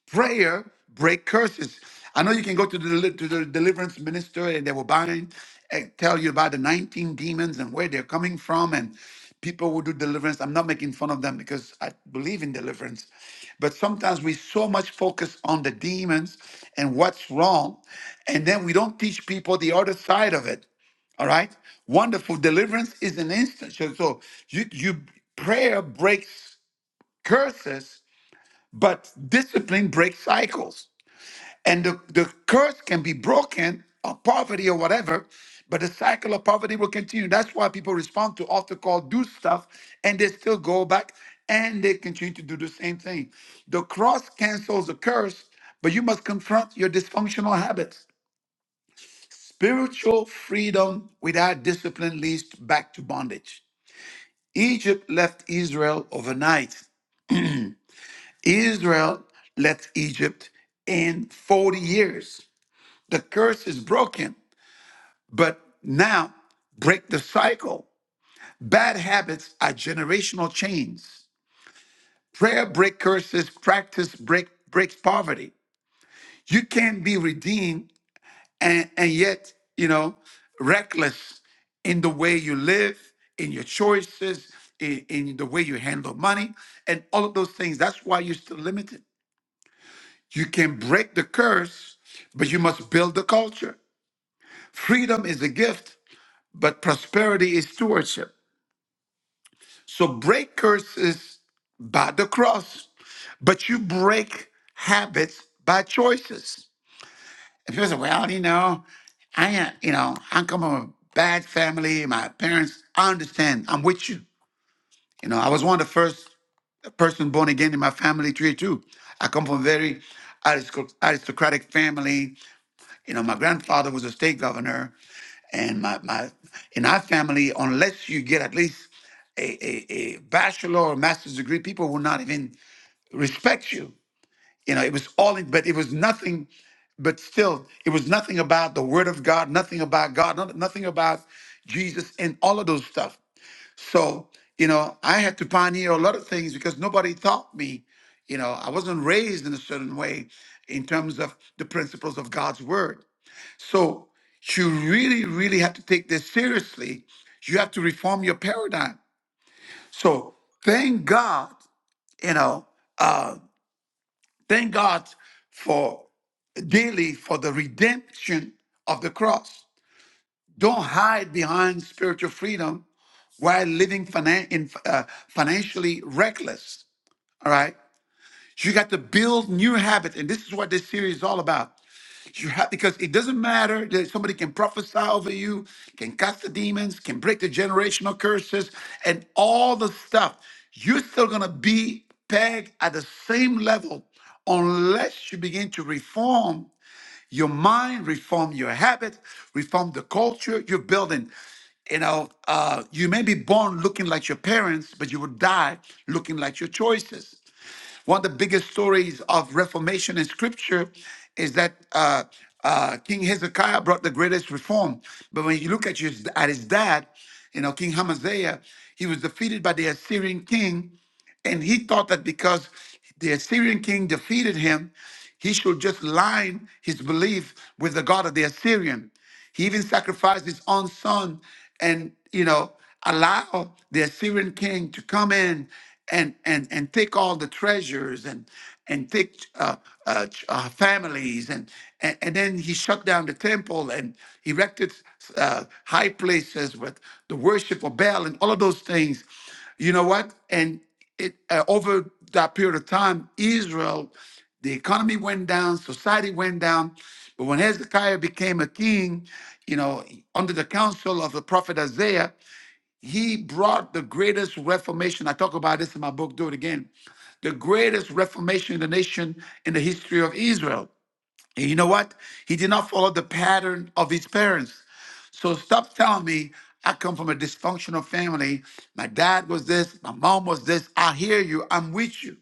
A: Prayer break curses. I know you can go to the, deli- to the deliverance minister and they will bind and tell you about the 19 demons and where they're coming from and people will do deliverance. I'm not making fun of them because I believe in deliverance. But sometimes we so much focus on the demons and what's wrong and then we don't teach people the other side of it. All right. Wonderful deliverance is an instant. So, so you, you prayer breaks curses, but discipline breaks cycles. And the, the curse can be broken or poverty or whatever, but the cycle of poverty will continue. That's why people respond to altar call, do stuff, and they still go back and they continue to do the same thing. The cross cancels the curse, but you must confront your dysfunctional habits. Spiritual freedom without discipline leads back to bondage. Egypt left Israel overnight. Israel left Egypt in 40 years. The curse is broken, but now break the cycle. Bad habits are generational chains. Prayer break curses, practice break breaks poverty. You can't be redeemed and and yet you know reckless in the way you live in your choices in, in the way you handle money and all of those things that's why you're still limited you can break the curse but you must build the culture freedom is a gift but prosperity is stewardship so break curses by the cross but you break habits by choices And people say, well, you know, I ain't, you know, I come from a bad family. My parents, I understand. I'm with you. You know, I was one of the first person born again in my family tree too. I come from a very aristoc- aristocratic family. You know, my grandfather was a state governor, and my my in our family, unless you get at least a, a, a bachelor or master's degree, people will not even respect you you know it was all but it was nothing but still it was nothing about the word of god nothing about god not- nothing about jesus and all of those stuff so you know i had to pioneer a lot of things because nobody taught me you know i wasn't raised in a certain way in terms of the principles of god's word so you really really have to take this seriously you have to reform your paradigm so thank god you know uh thank god for daily for the redemption of the cross. Don't hide behind spiritual freedom while living finan- in, uh, financially reckless. All right. You got to build new habits. And this is what this series is all about. You have because it doesn't matter that somebody can prophesy over you, can cast the demons, can break the generational curses, and all the stuff. You're still gonna be pegged at the same level unless you begin to reform your mind, reform your habit, reform the culture you're building. You know, uh, you may be born looking like your parents, but you will die looking like your choices. One of the biggest stories of reformation in scripture is that uh, uh, King Hezekiah brought the greatest reform. But when you look at his, at his dad, you know, King Hamaziah, he was defeated by the Assyrian king. And he thought that because the Assyrian king defeated him, he should just line his belief with the God of the Assyrian. He even sacrificed his own son and, you know, allow the Assyrian king to come in and and and take all the treasures and and take uh, uh, ch- uh, families and, and and then he shut down the temple and erected uh, high places with the worship of Baal and all of those things. You know what? And it uh, over that period of time, Israel, the economy went down, society went down. But when Hezekiah became a king, you know, under the counsel of the prophet Isaiah, he brought the greatest reformation. I talk about this in my book, Do It Again. The greatest reformation in the nation in the history of Israel. And you know what? He did not follow the pattern of his parents. So stop telling me I come from a dysfunctional family. My dad was this, my mom was this. I hear you, I'm with you.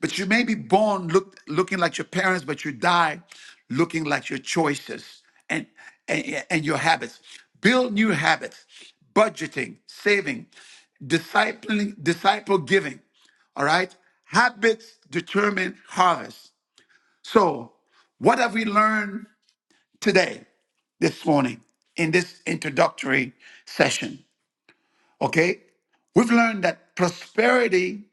A: But you may be born look, looking like your parents, but you die looking like your choices and, and, and your habits. Build new habits, budgeting, saving, discipling, disciple giving. All right? Habits determine harvest. So, what have we learned today, this morning, in this introductory session. Okay? We've learned that prosperity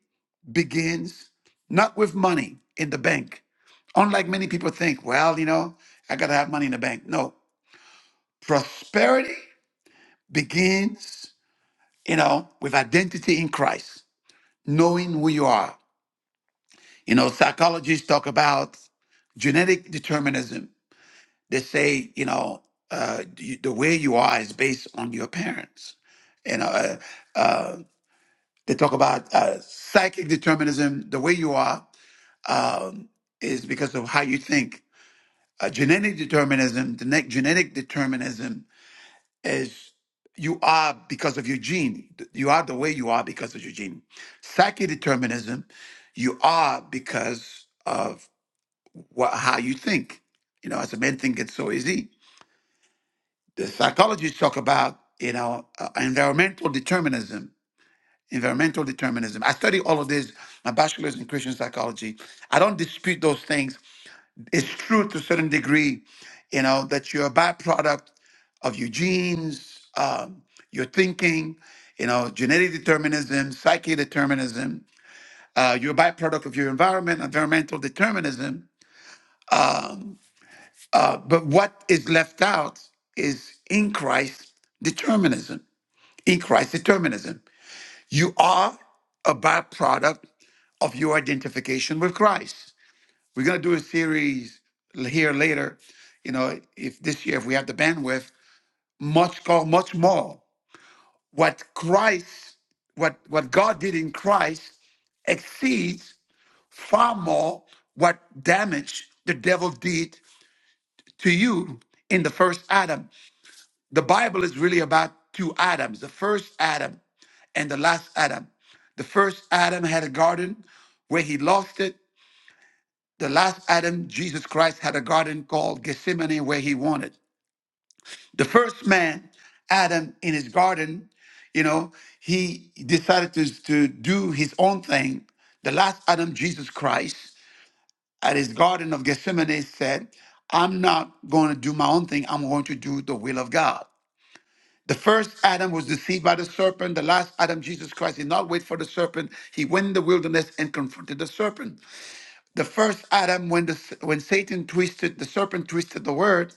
A: begins not with money in the bank. Unlike many people think, well, you know, I got to have money in the bank. No. Prosperity begins, you know, with identity in Christ, knowing who you are. You know, psychologists talk about genetic determinism They say, you know, uh, you, the way you are is based on your parents. And uh, uh, they talk about uh, psychic determinism. The way you are um, is because of how you think. Uh, genetic determinism, the next genetic determinism is you are because of your gene. You are the way you are because of your gene. Psychic determinism, you are because of what, how you think. You know, as a man think it's so easy the psychologists talk about you know uh, environmental determinism environmental determinism i study all of this my bachelor's in christian psychology i don't dispute those things it's true to a certain degree you know that you're a byproduct of your genes um, your thinking you know genetic determinism psyche determinism uh, you're a byproduct of your environment environmental determinism uh, but what is left out is in christ determinism in Christ determinism. You are a byproduct of your identification with Christ. We're going to do a series here later, you know, if this year, if we have the bandwidth, much called much more. What Christ, what, what God did in Christ exceeds far more what damage the devil did to you in the first Adam. The Bible is really about two Adams the first Adam and the last Adam. The first Adam had a garden where he lost it. The last Adam, Jesus Christ, had a garden called Gethsemane where he wanted. The first man, Adam, in his garden, you know, he decided to, to do his own thing. The last Adam, Jesus Christ, at his garden of Gethsemane said, I'm not going to do my own thing. I'm going to do the will of God. The first Adam was deceived by the serpent. The last Adam, Jesus Christ, did not wait for the serpent. He went in the wilderness and confronted the serpent. The first Adam, when the when Satan twisted the serpent, twisted the word.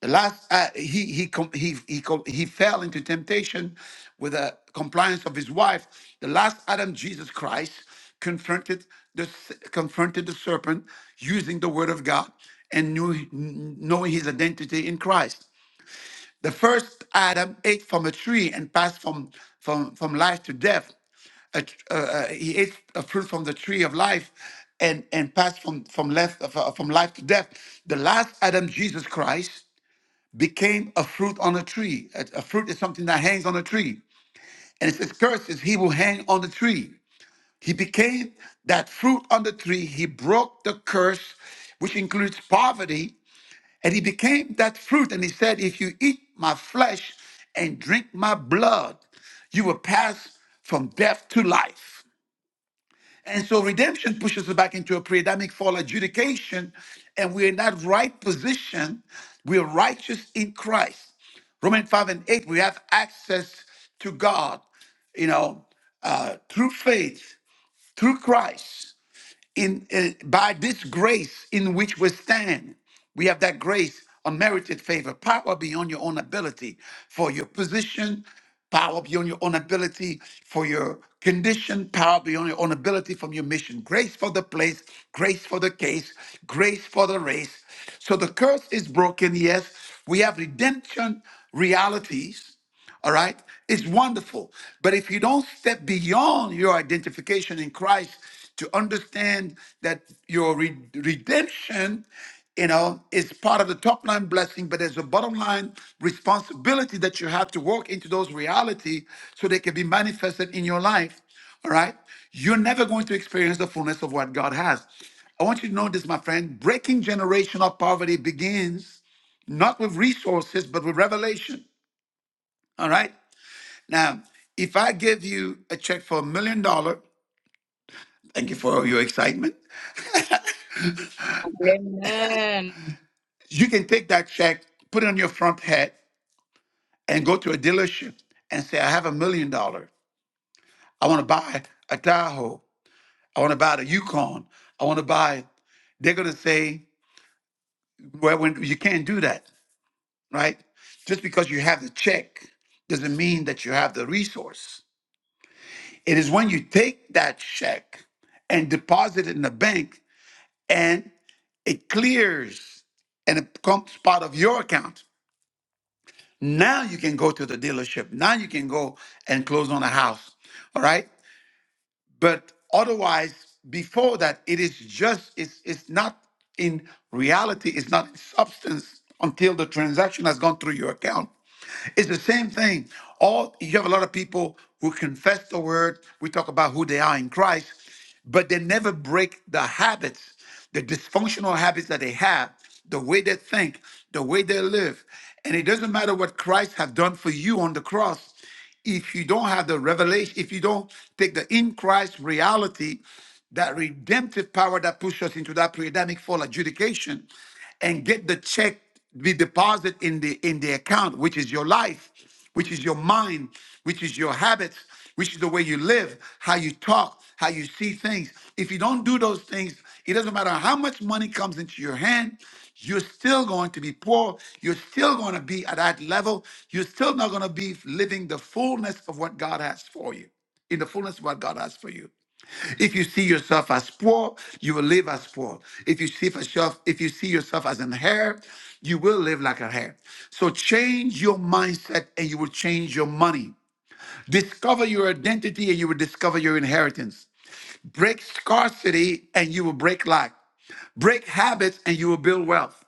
A: The last uh, he he com- he he com- he fell into temptation with a compliance of his wife. The last Adam, Jesus Christ, confronted the s- confronted the serpent using the word of God and knew knowing his identity in Christ. The first Adam ate from a tree and passed from, from, from life to death. A tr- uh, uh, he ate a fruit from the tree of life and, and passed from, from, left, uh, from life to death. The last Adam, Jesus Christ, became a fruit on a tree. A, a fruit is something that hangs on a tree. And it says, Cursed is he will hang on the tree. He became that fruit on the tree. He broke the curse, which includes poverty and he became that fruit. And he said, If you eat my flesh and drink my blood, you will pass from death to life. And so redemption pushes us back into a pre Adamic fall adjudication, and we're in that right position. We're righteous in Christ. Romans 5 and 8, we have access to God, you know, uh, through faith, through Christ in uh, by this grace in which we stand we have that grace unmerited favor power beyond your own ability for your position power beyond your own ability for your condition power beyond your own ability from your mission grace for the place grace for the case grace for the race so the curse is broken yes we have redemption realities all right? It's wonderful. But if you don't step beyond your identification in Christ to understand that your re- redemption, you know, is part of the top line blessing, but there's a bottom line responsibility that you have to walk into those reality so they can be manifested in your life. All right? You're never going to experience the fullness of what God has. I want you to know this, my friend. Breaking generational poverty begins not with resources, but with revelation. All right? Now, if I give you a check for a million dollar, thank you for your excitement.
G: Amen.
A: You can take that check, put it on your front hat, and go to a dealership and say, I have a million dollar. I want to buy a Tahoe. I want to buy a Yukon. I want to buy. They're gonna say, well, when you can't do that, right? Just because you have the check doesn't mean that you have the resource. It is when you take that check and deposit it in the bank and." It clears and it becomes part of your account. Now you can go to the dealership. Now you can go and close on a house. All right. But otherwise, before that, it is just, it's, it's not in reality, it's not in substance until the transaction has gone through your account. It's the same thing. All you have a lot of people who confess the word. We talk about who they are in Christ, but they never break the habits, the dysfunctional habits that they have, the way they think, the way they live. And it doesn't matter what Christ have done for you on the cross. If you don't have the revelation, if you don't take the in Christ reality, that redemptive power that pushes us into that pre-Adamic fall adjudication, and get the check be deposited in the in the account, which is your life, which is your mind, which is your habits which is the way you live, how you talk, how you see things. If you don't do those things, it doesn't matter how much money comes into your hand, you're still going to be poor. You're still going to be at that level. You're still not going to be living the fullness of what God has for you. In the fullness of what God has for you. If you see yourself as poor, you will live as poor. If you see yourself, if you see yourself as an heir, you will live like a heir. So change your mindset, and you will change your money. Discover your identity and you will discover your inheritance. Break scarcity and you will break lack. Break habits and you will build wealth.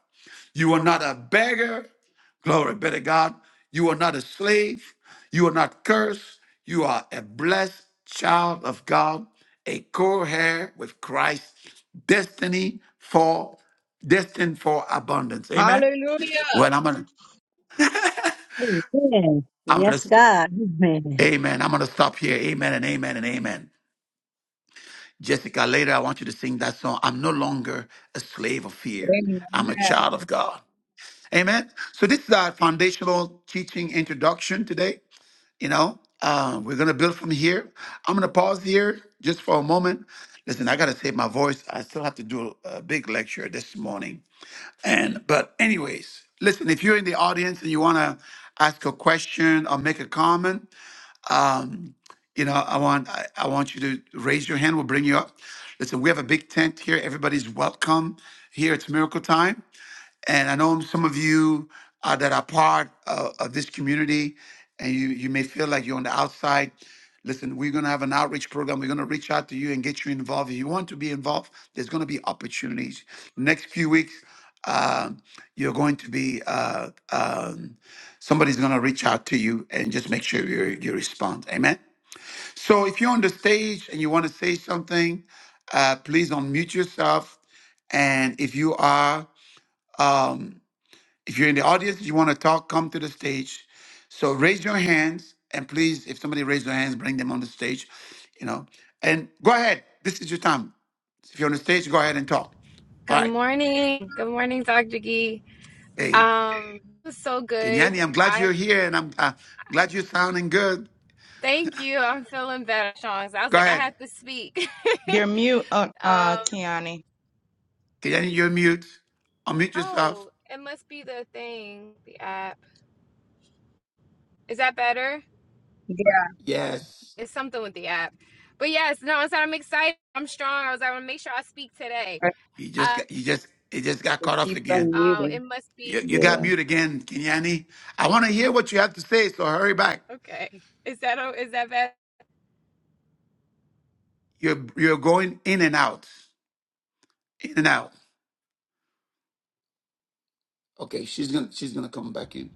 A: You are not a beggar. Glory be to God. You are not a slave. You are not cursed. You are a blessed child of God, a co-heir with Christ, destiny for destined for abundance. Amen.
G: Hallelujah.
A: Well, I'm gonna
D: Amen.
A: I'm gonna
D: Yes,
A: st-
D: God. Amen.
A: Amen. I'm gonna stop here. Amen and amen and amen. Jessica, later I want you to sing that song. I'm no longer a slave of fear. I'm a
G: Amen.
A: child of God. Amen. So this is our foundational teaching introduction today. You know, uh, we're gonna build from here. I'm gonna pause here just for a moment. Listen, I gotta save my voice. I still have to do a big lecture this morning. And but anyways, listen, if you're in the audience and you wanna ask a question or make a comment, you know, I want I, I want you to raise your hand. We'll bring you up. Listen, we have a big tent here. Everybody's welcome here. It's Miracle Time, and I know some of you uh, that are part of, of this community, and you you may feel like you're on the outside. Listen, we're going to have an outreach program. We're going to reach out to you and get you involved. If you want to be involved, there's going to be opportunities. Next few weeks, uh, you're going to be uh, um, somebody's going to reach out to you and just make sure you you respond. Amen. So if you're on the stage and you want to say something, uh, please unmute yourself. And if you are, um, if you're in the audience, you want to talk, come to the stage. So raise your hands, and please, if somebody raises their hands, bring them on the stage. You know, and go ahead. This is your time. If you're on the stage, go ahead and talk. All
M: Good
A: right.
M: morning. Good morning, Dr. Gee.
A: Hey,
M: Um, it was so
A: Kenyani,
M: good.
A: I'm glad
M: I
A: you're here, and I'm uh, glad you're sounding good.
M: thank you. I'm feeling better, Sean. 'cause I was
A: Go
M: like, I
A: ahead,
M: have to speak.
G: You're mute, uh, uh
M: um,
G: Kiani.
A: Kenyani. You're mute. Unmute yourself.
M: oh, it must be the thing, the app. Is that better?
G: Yes,
A: Yes.
M: It's something with the app. But yes, no, I said I'm excited. I'm strong. I was like, I want to make sure I speak today.
A: You just
M: Uh,
A: got you just it just got
H: He
A: cut off
H: keep
A: again.
M: oh,
H: unmuting.
M: it must be
A: You, you got
H: Yeah,
A: mute again, Kenyani. I want to hear what you have to say, so hurry back.
M: okay. Is that is that better?
A: You're you're going in and out, in and out. Okay, she's gonna she's gonna come back in.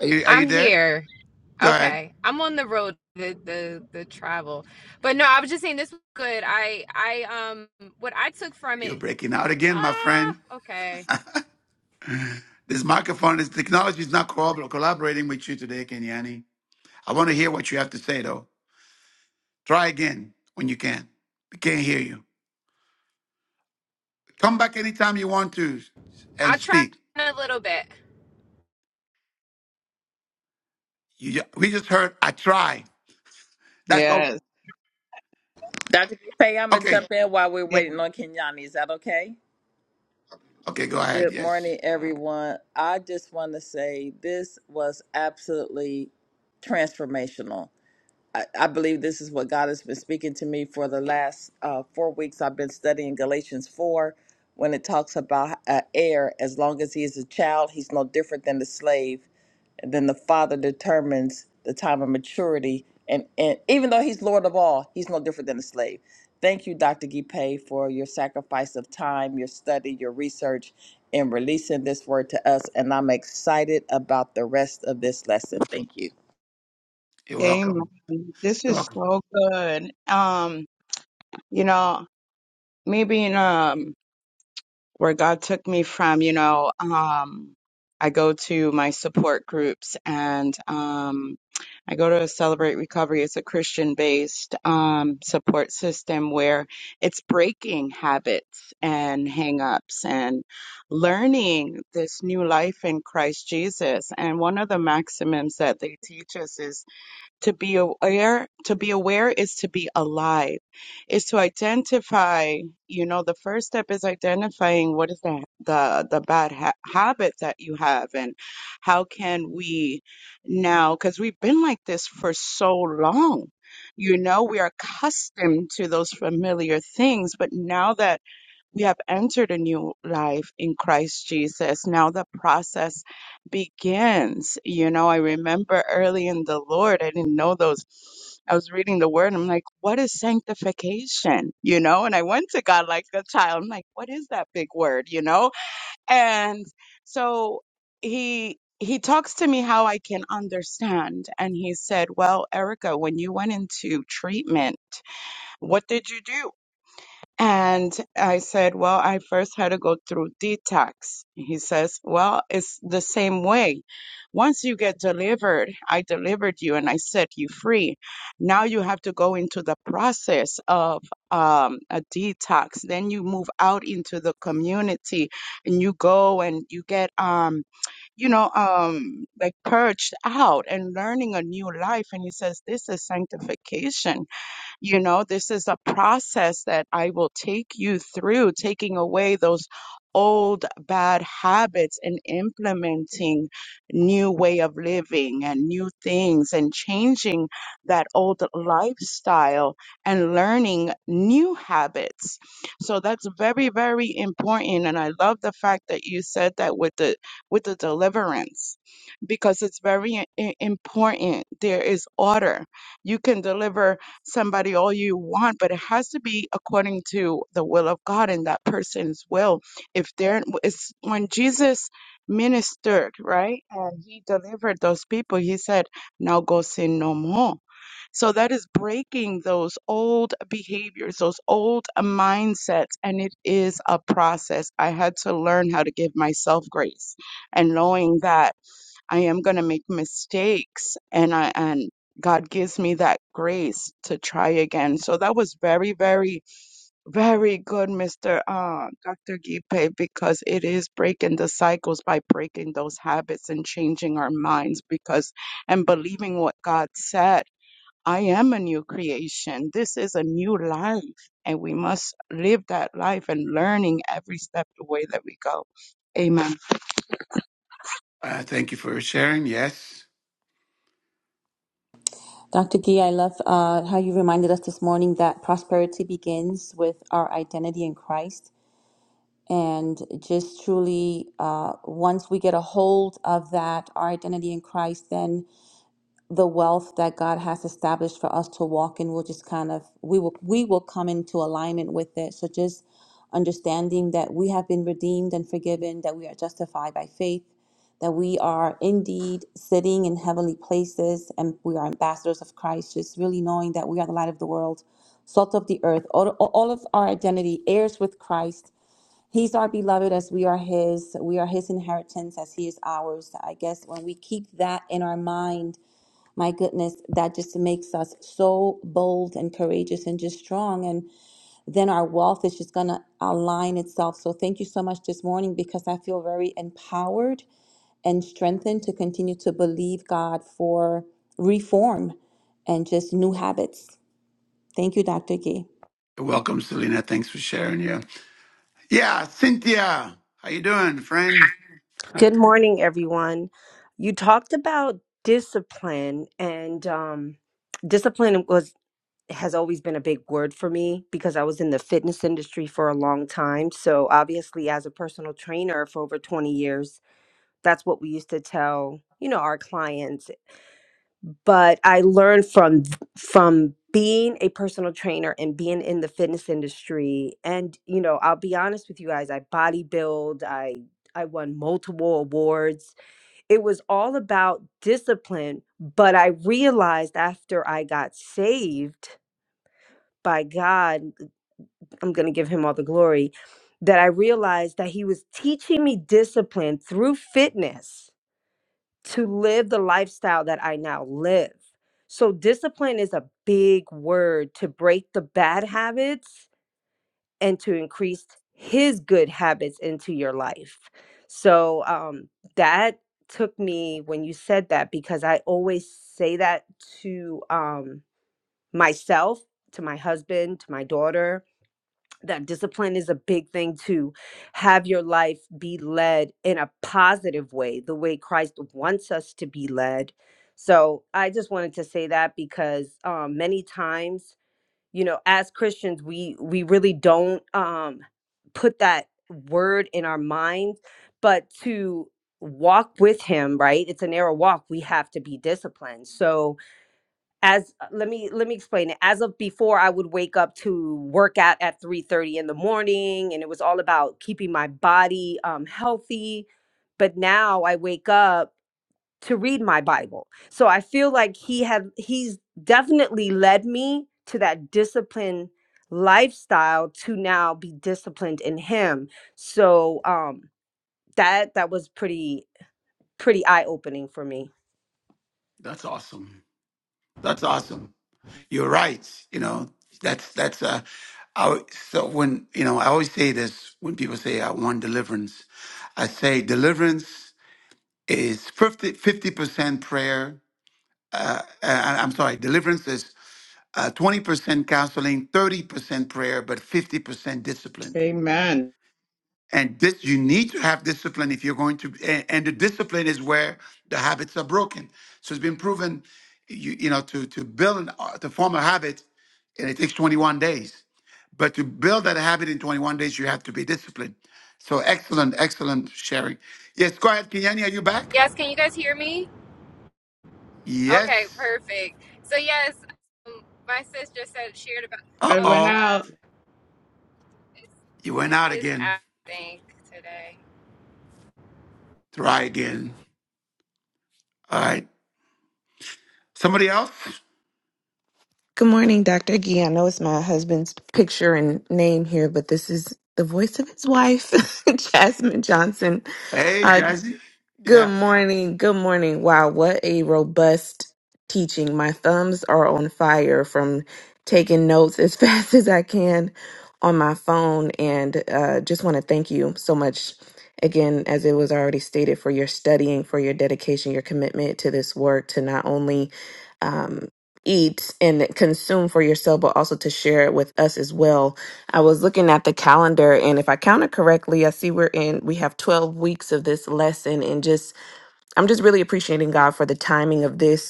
A: Are you are
M: I'm
A: you there?
M: here.
A: Go ahead.
M: Okay, I'm on the road, the the the travel, but no, I was just saying this was good. I I um what I took from
A: You're
M: it.
A: breaking out again, my
M: Ah,
A: friend.
M: okay.
A: This microphone, this technology is not corrobor- collaborating with you today, Kenyani. I want to hear what you have to say though. Try again when you can. We can't hear you. Come back anytime you want to and
M: I'll try
A: speak.
M: in a little bit.
A: You ju- we just heard I try. That's all.
G: yes,
N: Dr. Pay, I'm gonna
A: Okay.
N: jump in while we're
G: yes.
N: waiting on Kenyani. Is that okay?
A: Okay. Go ahead.
N: Good
A: Yes.
N: morning, everyone. I just want to say this was absolutely transformational. I, I believe this is what God has been speaking to me for the last uh, four weeks. I've been studying Galatians 4 when it talks about uh, heir. As long as he is a child, he's no different than the slave and then the father determines the time of maturity and, and even though he's lord of all he's no different than a slave thank you dr gipe for your sacrifice of time your study your research in releasing this word to us and i'm excited about the rest of this lesson thank you
A: You're
G: Amen.
A: welcome.
G: This
A: You're
G: is
A: welcome.
G: so good. Um, you know, me being um where God took me from, you know, um, I go to my support groups and um, I go to Celebrate Recovery. It's a Christian based um, support system where it's breaking habits and hangups and learning this new life in Christ Jesus. And one of the maxims that they teach us is to be aware, to be aware is to be alive, is to identify, you know, the first step is identifying what is the the, the bad ha habit that you have and how can we now, because we've been like this for so long, you know, we are accustomed to those familiar things, but now that we have entered a new life in Christ Jesus. Now the process begins. You know, I remember early in the Lord, I didn't know those. I was reading the word. And I'm like, what is sanctification? You know, and I went to God like a child. I'm like, what is that big word? You know, and so he. He talks to me how I can understand. And he said, Well, Erica, when you went into treatment, what did you do? And I said, Well, I first had to go through detox. He says, Well, it's the same way. Once you get delivered, I delivered you and I set you free. Now you have to go into the process of um, a detox. Then you move out into the community and you go and you get, um, you know, um, like purged out and learning a new life. And he says, This is sanctification you know, this is a process that I will take you through, taking away those old bad habits and implementing new way of living and new things and changing that old lifestyle and learning new habits. So that's very, very important. And I love the fact that you said that with the with the deliverance because it's very i- important. There is order. You can deliver somebody all you want, but it has to be according to the will of God and that person's will. If there is when Jesus ministered, right, and he delivered those people, he said, Now go sin no more. So that is breaking those old behaviors, those old mindsets, and it is a process. I had to learn how to give myself grace and knowing that. I am going to make mistakes and I and God gives me that grace to try again. So that was very, very, very good, Mr. Uh, Dr. Gipe, because it is breaking the cycles by breaking those habits and changing our minds because and believing what God said. I am a new creation. This is a new life and we must live that life and learning every step of the way that we go. Amen.
A: Uh, thank you for sharing. Yes.
B: Dr. Gee, I love uh, how you reminded us this morning that prosperity begins with our identity in Christ. And just truly, uh, once we get a hold of that, our identity in Christ, then the wealth that God has established for us to walk in will just kind of we will we will come into alignment with it. So just understanding that we have been redeemed and forgiven, that we are justified by faith, that we are indeed sitting in heavenly places and we are ambassadors of Christ, just really knowing that we are the light of the world, salt of the earth, all, all of our identity, heirs with Christ. He's our beloved as we are his. We are his inheritance as he is ours. I guess when we keep that in our mind my goodness, that just makes us so bold and courageous and just strong. And then our wealth is just going to align itself. So thank you so much this morning because I feel very empowered and strengthened to continue to believe God for reform and just new habits. Thank you, Dr. Gee.
A: You're welcome, Selena. Thanks for sharing. Yeah. Yeah. Cynthia, how you doing, friend?
O: Good morning, everyone. You talked about discipline, and um, discipline was has always been a big word for me because I was in the fitness industry for a long time. So obviously, as a personal trainer for over twenty years, that's what we used to tell you know our clients. But I learned from from being a personal trainer and being in the fitness industry, and you know, I'll be honest with you guys, I bodybuild, I I won multiple awards it was all about discipline. But I realized after I got saved by God, I'm going to give him all the glory, that I realized that he was teaching me discipline through fitness to live the lifestyle that I now live. So, discipline is a big word to break the bad habits and to increase his good habits into your life. So um, that took me when you said that because I always say that to um, myself, to my husband, to my daughter. That discipline is a big thing to have your life be led in a positive way, the way Christ wants us to be led. So I just wanted to say that because um, many times you know as christians we we really don't um put that word in our minds but to walk with him right it's a narrow walk we have to be disciplined so as uh, let me let me explain it as of before i would wake up to work out at 3 30 in the morning and it was all about keeping my body um healthy but now i wake up to read my Bible. So I feel like he had he's definitely led me to that discipline lifestyle to now be disciplined in him. So um that that was pretty pretty eye opening for me.
A: That's awesome. That's awesome. You're right. You know, that's, that's, uh, I, so when, you know, I always say this when people say I want deliverance, I say deliverance is 50, percent prayer. Uh, uh, I'm sorry, deliverance is uh, 20% counseling, 30% prayer, but 50% discipline.
G: Amen.
A: And this, you need to have discipline if you're going to, and, and the discipline is where the habits are broken. So it's been proven, you, you know, to, to build, an, uh, to form a habit, and it takes 21 days. But to build that habit in 21 days, you have to be disciplined. So excellent, excellent sharing. Yes, go ahead, Kenyani, are you back?
M: Yes, can you guys hear me?
A: Yes.
M: Okay, perfect. So yes, um, my sister said shared about.
A: Uh
G: Good
M: Oh
G: one
A: oh,
G: out.
M: God, it's
A: you went
M: it's
A: out
M: this
A: again.
M: app thing today.
A: Try again. All right. Somebody else?
I: Good morning, Dr. Gee. I know it's my husband's picture and name here, but this is the voice of his wife, Jasmine Johnson.
A: Hey, Jazzy.
I: Good
A: Yeah.
I: morning. Good morning. Wow, what a robust teaching. My thumbs are on fire from taking notes as fast as I can on my phone. And uh, just want to thank you so much again, as it was already stated, for your studying, for your dedication, your commitment to this work, to not only um, eat and consume for yourself, but also to share it with us as well. I was looking at the calendar, and if I counted correctly, I see we're in, we have 12 weeks of this lesson. And just, I'm just really appreciating God for the timing of this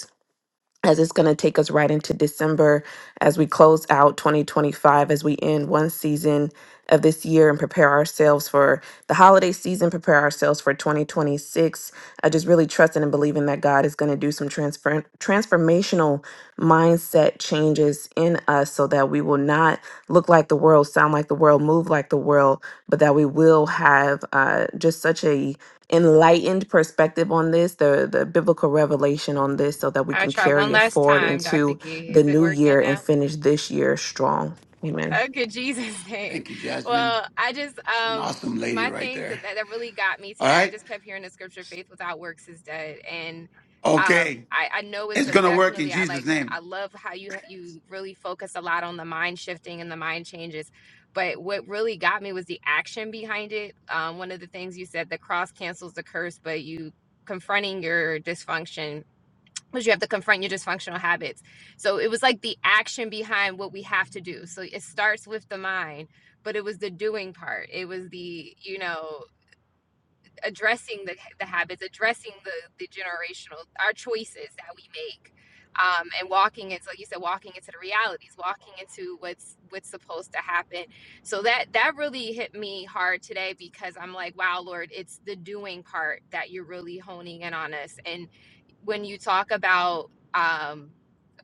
I: as it's going to take us right into December as we close out 2025, as we end one season of this year and prepare ourselves for the holiday season, prepare ourselves for 2026. I just really trusting and believing that God is going to do some transfer- transformational mindset changes in us so that we will not look like the world, sound like the world, move like the world, but that we will have uh, just such a enlightened perspective on this, the the biblical revelation on this, so that we
M: I will
I: can
M: try
I: carry
M: one
I: it
M: last
I: forward
M: time, Doctor
I: into
M: Gee.
I: the
M: Is it
I: new
M: working
I: year
M: now?
I: and finish this year strong. Amen.
M: Okay, Jesus name.
A: Thank you, Jasmine.
M: Well, I just
A: She's an
M: um
A: awesome lady
M: my
A: right
M: thing
A: there.
M: that that really got me
A: All
M: today. I
A: right.
M: just kept hearing the scripture, "Faith without works is dead," and um
A: Okay.
M: I I know it's
A: It's
M: a
A: going to work in
M: definitely I
A: Jesus'
M: like
A: name.
M: I love how you you really focus a lot on the mind shifting and the mind changes. But what really got me was the action behind it. Um, one of the things you said, the cross cancels the curse, but you confronting your dysfunction because you have to confront your dysfunctional habits. So it was like the action behind what we have to do. So it starts with the mind, but it was the doing part. It was the, you know, addressing the, the habits, addressing the, the generational, our choices that we make. Um, and walking into, like you said, walking into the realities, walking into what's what's supposed to happen. So that that really hit me hard today because I'm like, wow, Lord, it's the doing part that you're really honing in on us. And when you talk about, um,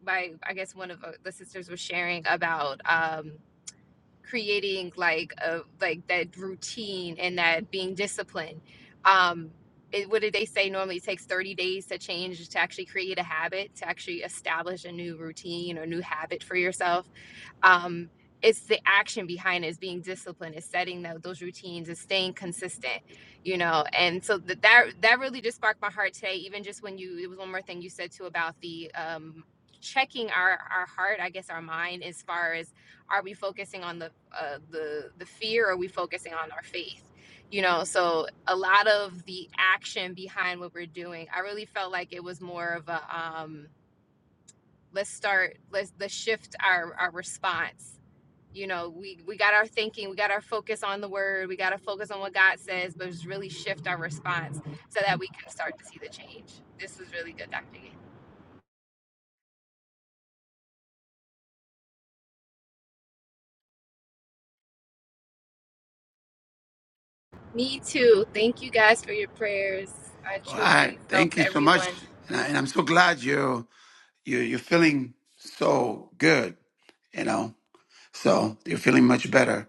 M: my, I guess one of uh, the sisters was sharing about um, creating like a like that routine and that being disciplined um it, what did they say normally it takes 30 days to change to actually create a habit to actually establish a new routine or new habit for yourself um it's the action behind it is being disciplined is setting tho- those routines is staying consistent you know and so that that that really just sparked my heart today even just when you it was one more thing you said too about the um checking our our heart i guess our mind as far as are we focusing on the uh the the fear or are we focusing on our faith you know so a lot of the action behind what we're doing i really felt like it was more of a um let's start let's let's shift our our response you know we we got our thinking we got our focus on the word we got to focus on what god says but just really shift our response so that we can start to see the change this was really good dr Gay. me too thank you guys for your prayers i
A: All
M: truly
A: right. Thank
M: felt
A: you so
M: everyone
A: much. And, I, and I'm so glad you're, you're, you're feeling so good, you know? So you're feeling much better.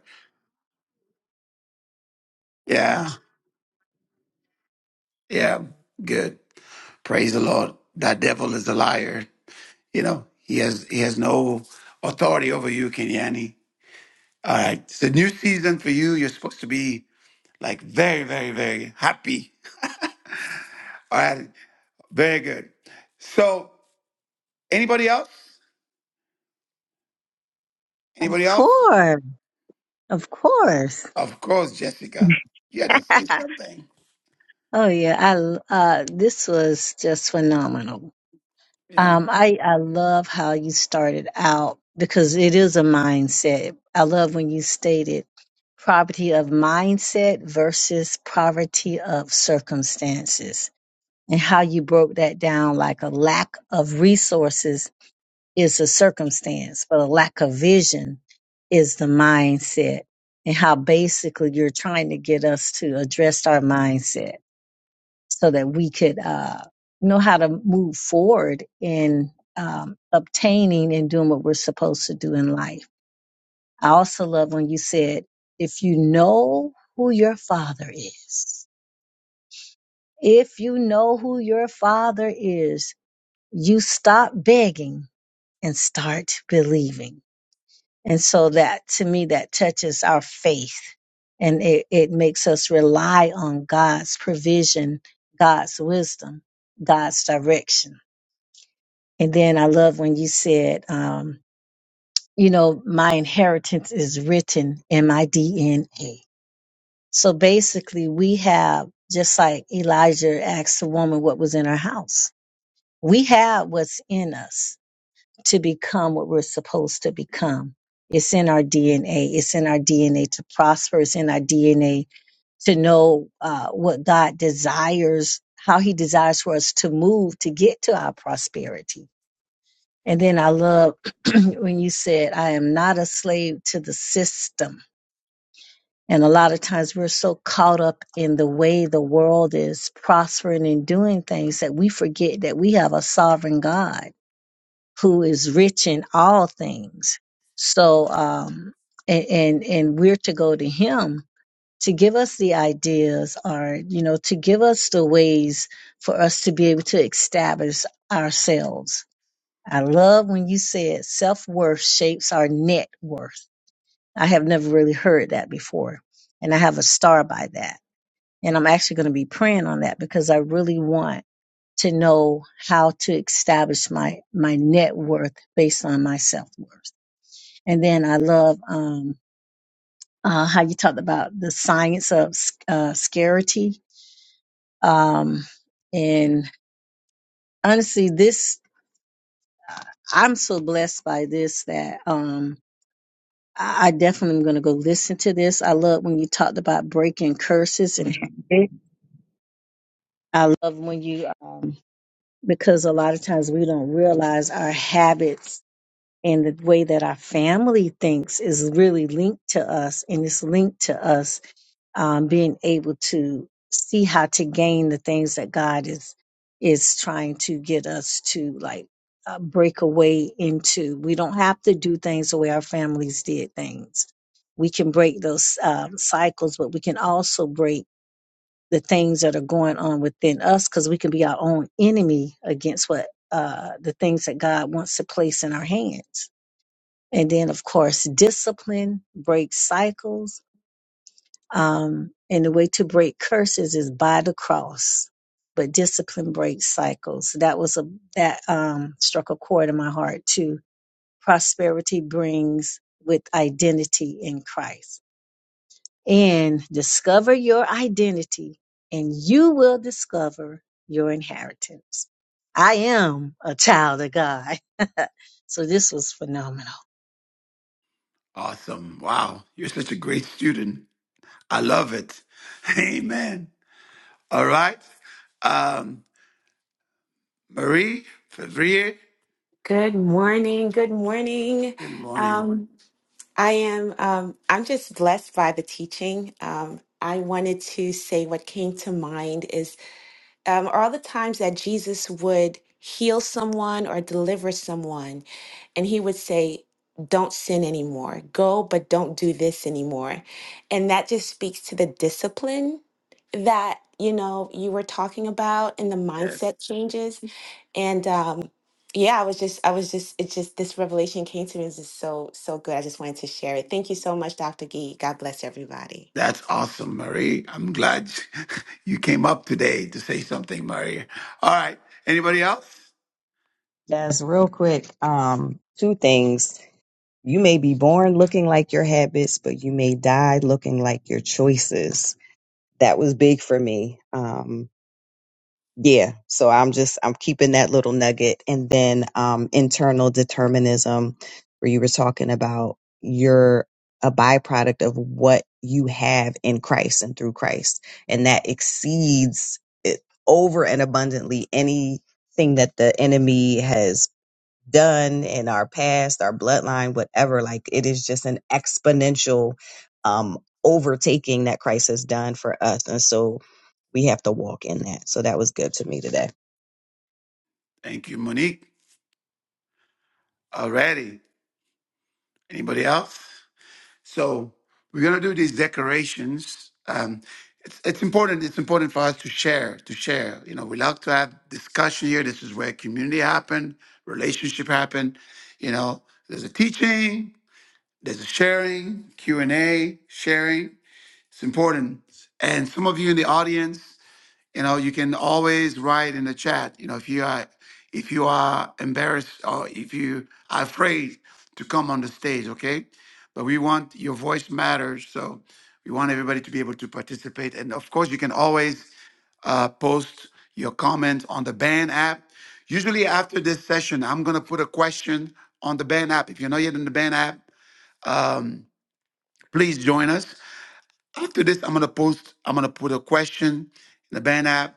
A: Yeah. Yeah. Good. Praise the Lord. That devil is a liar. You know, he has, he has no authority over you, Kenyani. All right. It's a new season for you. You're supposed to be like very, very, very happy. All right, very good. So, anybody else?
D: Of
A: Anybody else?
D: course. Of course.
A: Of course, Jessica. You had to say something.
D: oh yeah. I l- uh this was just phenomenal.
A: Yeah.
D: Um I I love how you started out because it is a mindset. I love when you stated poverty of mindset versus poverty of circumstances and how you broke that down like a lack of resources is a circumstance, but a lack of vision is the mindset and how basically you're trying to get us to address our mindset so that we could uh, know how to move forward in um, obtaining and doing what we're supposed to do in life. I also love when you said, if you know who your father is, if you know who your father is, you stop begging and start believing And so that to me, that touches our faith and it, it makes us rely on God's provision, God's wisdom, God's direction. And then I love when you said, um, you know, my inheritance is written in my DNA. So basically we have, just like Elijah asked the woman what was in her house, we have what's in us to become what we're supposed to become. It's in our DNA. It's in our DNA to prosper. It's in our DNA to know uh, what God desires, how He desires for us to move to get to our prosperity. And then I love when you said, I am not a slave to the system. And a lot of times we're so caught up in the way the world is prospering and doing things that we forget that we have a sovereign God who is rich in all things. So, um, and, and, and we're to go to him to give us the ideas or, you know, to give us the ways for us to be able to establish ourselves. I love when you said self worth shapes our net worth. I have never really heard that before. And I have a star by that. And I'm actually going to be praying on that because I really want to know how to establish my my net worth based on my self worth. And then I love um, uh, how you talked about the science of uh, scarcity. Um, and honestly, this uh, I'm so blessed by this that um, I, I definitely am going to go listen to this. I love when you talked about breaking curses and habit. I love when you um, because a lot of times we don't realize our habits and the way that our family thinks is really linked to us and it's linked to us um, being able to see how to gain the things that god is is trying to get us to like uh, break away into we don't have to do things the way our families did things we can break those um, cycles but we can also break the things that are going on within us because we can be our own enemy against what uh, the things that god wants to place in our hands and then, of course, discipline breaks cycles. Um, and the way to break curses is by the cross. But discipline breaks cycles. So That was a that um, struck a chord in my heart too. Prosperity brings with identity in Christ. And discover your identity, and you will discover your inheritance. I am a child of God. so this was phenomenal.
A: Awesome. Wow. You're such a great student. I love it. Amen. All right. Um, Marie Fevrier,
P: Good morning. Good morning.
A: good morning.
P: Um, I am. Um, I'm just blessed by the teaching. Um, I wanted to say what came to mind is um, are all the times that Jesus would heal someone or deliver someone, and he would say, Don't sin anymore. Go, but don't do this anymore. And that just speaks to the discipline that, you know, you were talking about and the
A: Yes.
P: mindset changes. And, um, yeah, I was just, I was just, it's just this revelation came to me. It's just so, so good. I just wanted to share it. Thank you so much, Dr. Gee. God bless everybody.
A: That's awesome, Marie. I'm glad you came up today to say something, Marie. All right. Anybody else?
H: that's real quick. Um, two things. You may be born looking like your habits, but you may die looking like your choices. That was big for me. Um, yeah so i'm just i'm keeping that little nugget and then um internal determinism where you were talking about you're a byproduct of what you have in christ and through christ and that exceeds it over and abundantly anything that the enemy has done in our past our bloodline whatever like it is just an exponential um overtaking that christ has done for us and so we have to walk in that. So that was good to me today.
A: Thank you, Monique. Alrighty. Anybody else? So we're gonna do these decorations. Um, it's, it's important. It's important for us to share. To share. You know, we love to have discussion here. This is where community happen, relationship happen. You know, there's a teaching, there's a sharing, Q and A, sharing. It's important. And some of you in the audience you know you can always write in the chat you know if you are if you are embarrassed or if you are afraid to come on the stage okay but we want your voice matters so we want everybody to be able to participate and of course you can always uh, post your comment on the band app usually after this session i'm going to put a question on the band app if you're not yet in the band app um, please join us after this, I'm gonna post. I'm gonna put a question in the band app.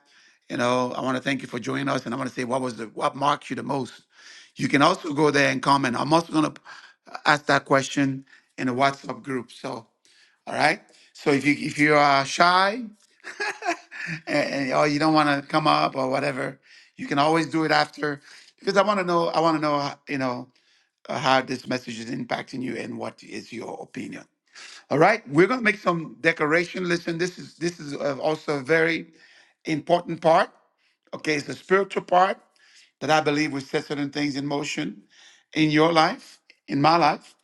A: You know, I want to thank you for joining us, and I want to say what was the what marked you the most. You can also go there and comment. I'm also gonna ask that question in the WhatsApp group. So, all right. So if you if you are shy and, and- or you don't want to come up or whatever, you can always do it after because I want to know. I want to know. You know uh, how this message is impacting you and what is your opinion. All right, we're going to make some decoration. Listen, this is this is uh, also a very important part. Okay, it's a spiritual part that I believe will set certain things in motion in your life, in my life.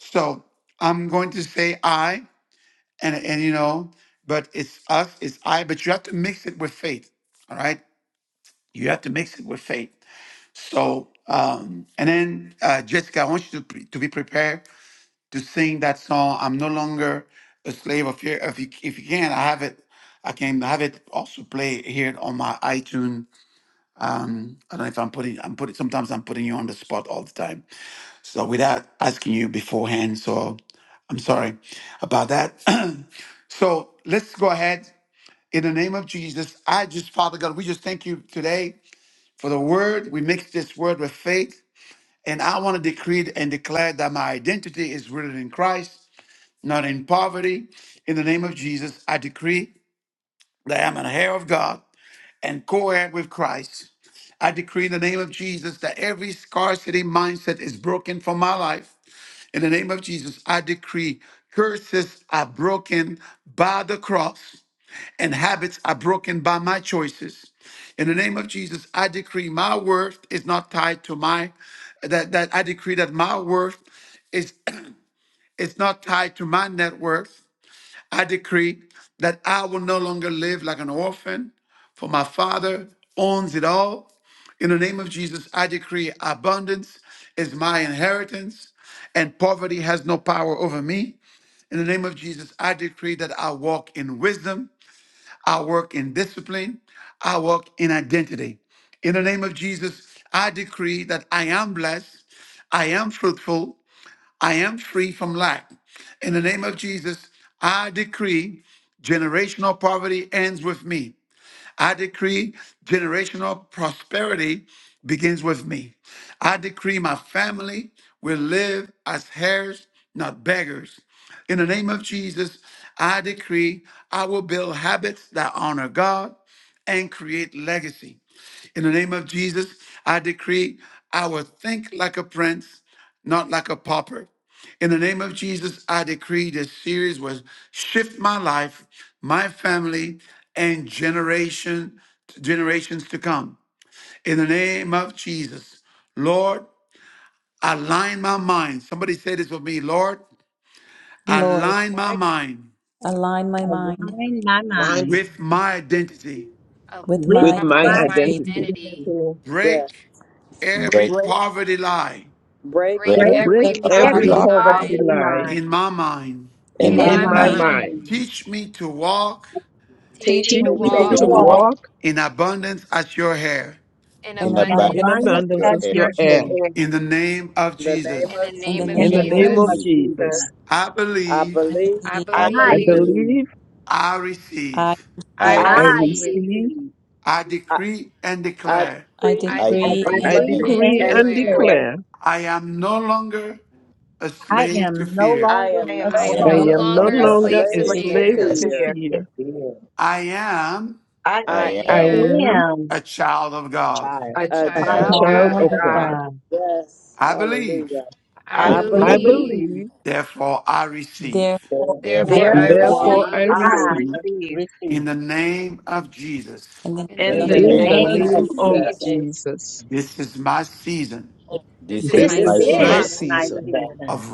A: So I'm going to say I, and and you know, but it's us, it's I. But you have to mix it with faith. All right, you have to mix it with faith. So um, and then uh, Jessica, I want you to pre- to be prepared to sing that song. I'm no longer a slave of fear. If you if you can, I have it. I can have it also play here on my iTunes. Um, I don't know if I'm putting I'm putting sometimes I'm putting you on the spot all the time. So without asking you beforehand, so I'm sorry about that. so let's go ahead. In the name of Jesus, I just, Father God, we just thank you today for the word. We mix this word with faith. And I want to decree and declare that my identity is rooted in Christ not in poverty. In the name of Jesus, I decree that I'm an heir of God and co heir with Christ. I decree in the name of Jesus that every scarcity mindset is broken from my life. In the name of Jesus, I decree curses are broken by the cross and habits are broken by my choices. In the name of Jesus, I decree my worth is not tied to my that that I decree that my worth is is not tied to my net worth. I decree that I will no longer live like an orphan, for my Father owns it all. In the name of Jesus, I decree abundance is my inheritance and poverty has no power over me. In the name of Jesus, I decree that I walk in wisdom, I work in discipline, I walk in identity. In the name of Jesus, I decree that I am blessed, I am fruitful, I am free from lack. In the name of Jesus, I decree generational poverty ends with me. I decree generational prosperity begins with me. I decree my family will live as heirs, not beggars. In the name of Jesus, I decree I will build habits that honor God and create legacy. In the name of Jesus, I decree I will think like a prince, not like a pauper. In the name of Jesus, I decree this series will shift my life, my family, and generation generations to come. In the name of Jesus, Lord, align my mind. Somebody say this with me, Lord,
B: Lord,
A: align my mind
B: align my mind
D: align my
Q: in my
F: Line
D: mind
A: with my identity.
M: uh,
B: with
D: with
M: on
F: with
B: my
M: my
D: the
M: mind
F: my
E: I
M: with
D: mind
M: my
D: of
B: identity.
F: identity.
Q: mind
D: Jesus.
M: identity
Q: to
N: Yeah.
A: Break every
E: break,
Q: break
A: poverty lie
N: Break
E: break
M: break
B: Break
D: Break
M: every
F: Break
Q: every
B: every
E: poverty
F: every
M: poverty
D: every
B: poverty
C: Rebar.
E: line
F: poverty
M: line
D: poverty
Q: poverty
F: lie
D: line
Q: line
A: in my mind.
B: in
N: in
E: in
M: in
E: my
B: my
N: my
Q: in
M: my
F: in
Q: my
D: in
F: my
D: my
B: mind.
E: mind.
Q: mind.
M: mind
F: mind.
D: mind.
A: Teach me to walk
M: teach
N: teach
Q: Teach
M: me
D: Teach
F: Teach
Q: me
M: to
Q: to
N: me
D: me
E: Teach
N: to
F: me
B: Teach
E: me
D: to
F: to
B: me
E: to
M: walk
N: walk
B: to
Q: walk
E: walk
B: live
D: walk
F: walk.
A: in abundance as your hair.
M: in
B: in
E: in
D: in
B: abundance
F: in
M: abundance
E: abundance of
D: abundance
F: abundance
E: your
D: as
F: as
E: air.
F: your
D: there
Q: in
M: Sure.
Q: your
F: heir.
D: is.
Q: air.
A: In the name of
N: in the name
M: in the
N: of
A: Jesus,
N: Jesus.
B: in
E: In
B: the
M: name of
E: the
D: In
F: In
Q: In
F: the
B: name
D: the
E: name
Q: the
B: of
E: of
F: name
Q: name
D: name
Q: of
F: of
D: of
E: Jesus,
M: jesus
Q: Jesus,
D: Jesus,
F: Jesus,
A: I
N: I
A: believe,
B: I
N: believe,
B: believe.
M: i
Q: I
E: I
D: I
F: I
M: believe
Q: believe,
E: believe,
D: believe,
F: believe,
A: I
B: I
A: receive,
M: i
E: I
B: decree,
Q: I
F: I
D: I
E: receive,
M: receive
Q: receive,
F: receive,
D: receive,
A: I
N: I,
A: decree and
N: I
A: declare
B: I
N: decree
M: I
E: I
D: I
N: and
B: decree
Q: I
E: decree
B: and
F: I
N: declare
M: decree
E: and
D: decree
B: declare
Q: decree
M: and
F: decree
D: and
Q: and
E: declare.
F: and
M: declare
D: declare
Q: declare
F: declare
A: I am no longer a
D: I
A: slave to
D: am no
A: fear.
N: I
D: longer
Q: I
N: am
D: a
Q: am
M: I
E: I
N: no
B: I
D: slave
M: am
Q: no
B: am
E: am
B: no
M: no
F: I
E: no
N: longer
D: to
F: am no
Q: longer
M: longer a
N: a
D: fear.
E: longer
Q: a
E: a
F: longer
M: slave
F: a
M: to
E: slave
N: slave
B: longer
Q: slave
E: to
B: fear.
N: to
F: slave
M: fear.
Q: to
H: Yes.
E: fear.
F: to
N: fear.
Q: fear.
H: Just
F: fear.
H: be a
A: I am
Q: I
E: I
M: I
N: I
F: I
Q: am
N: am
E: am
D: I
M: am
F: am
D: am
A: a child of God.
H: child.
Q: a
M: a
N: A
E: a
D: a
H: You
F: a
M: child
E: child
M: of
H: know,
E: of
Q: child
N: child of
F: child
M: God.
Q: of
E: God.
D: child
F: of
D: of
N: God.
Q: God.
F: God.
D: God.
N: Yes.
A: I believe,
N: Hallelujah.
M: I
Q: I
E: I
N: I
D: I
F: I
E: believe,
H: you
Q: believe,
N: believe,
M: believe,
D: believe,
F: believe,
A: therefore I receive.
B: Therefore, I
E: therefore
M: therefore
H: therefore,
F: and
M: I
E: I
N: therefore
Q: therefore
D: therefore
E: receive.
B: receive
F: therefore
N: I
F: I
M: receive.
Q: I
D: I
N: receive.
F: receive.
Q: receive.
A: In
D: receive.
A: the name of Jesus,
B: in the
M: In the
B: name
E: In
H: when
Q: In
N: In
H: you
B: of
E: the
D: in
M: name
N: the
Q: the
D: the
M: of
H: make
F: In
N: name
E: name
F: the
E: of
N: of
Q: name
D: name
B: Jesus
Q: of
D: of
F: name
E: Jesus,
M: Jesus,
H: choose
F: of
H: that
N: Jesus,
D: Jesus.
Q: Jesus,
F: Jesus,
A: this is my season
B: the
M: this
E: this
M: is
E: is
Q: this
D: This
F: this
M: my
N: this
E: my
B: season
F: is
N: is
H: different
Q: is
F: my
M: season
N: my
E: season
D: is
Q: my
D: my
H: things
F: season
N: season
H: than
Q: season.
D: season
A: of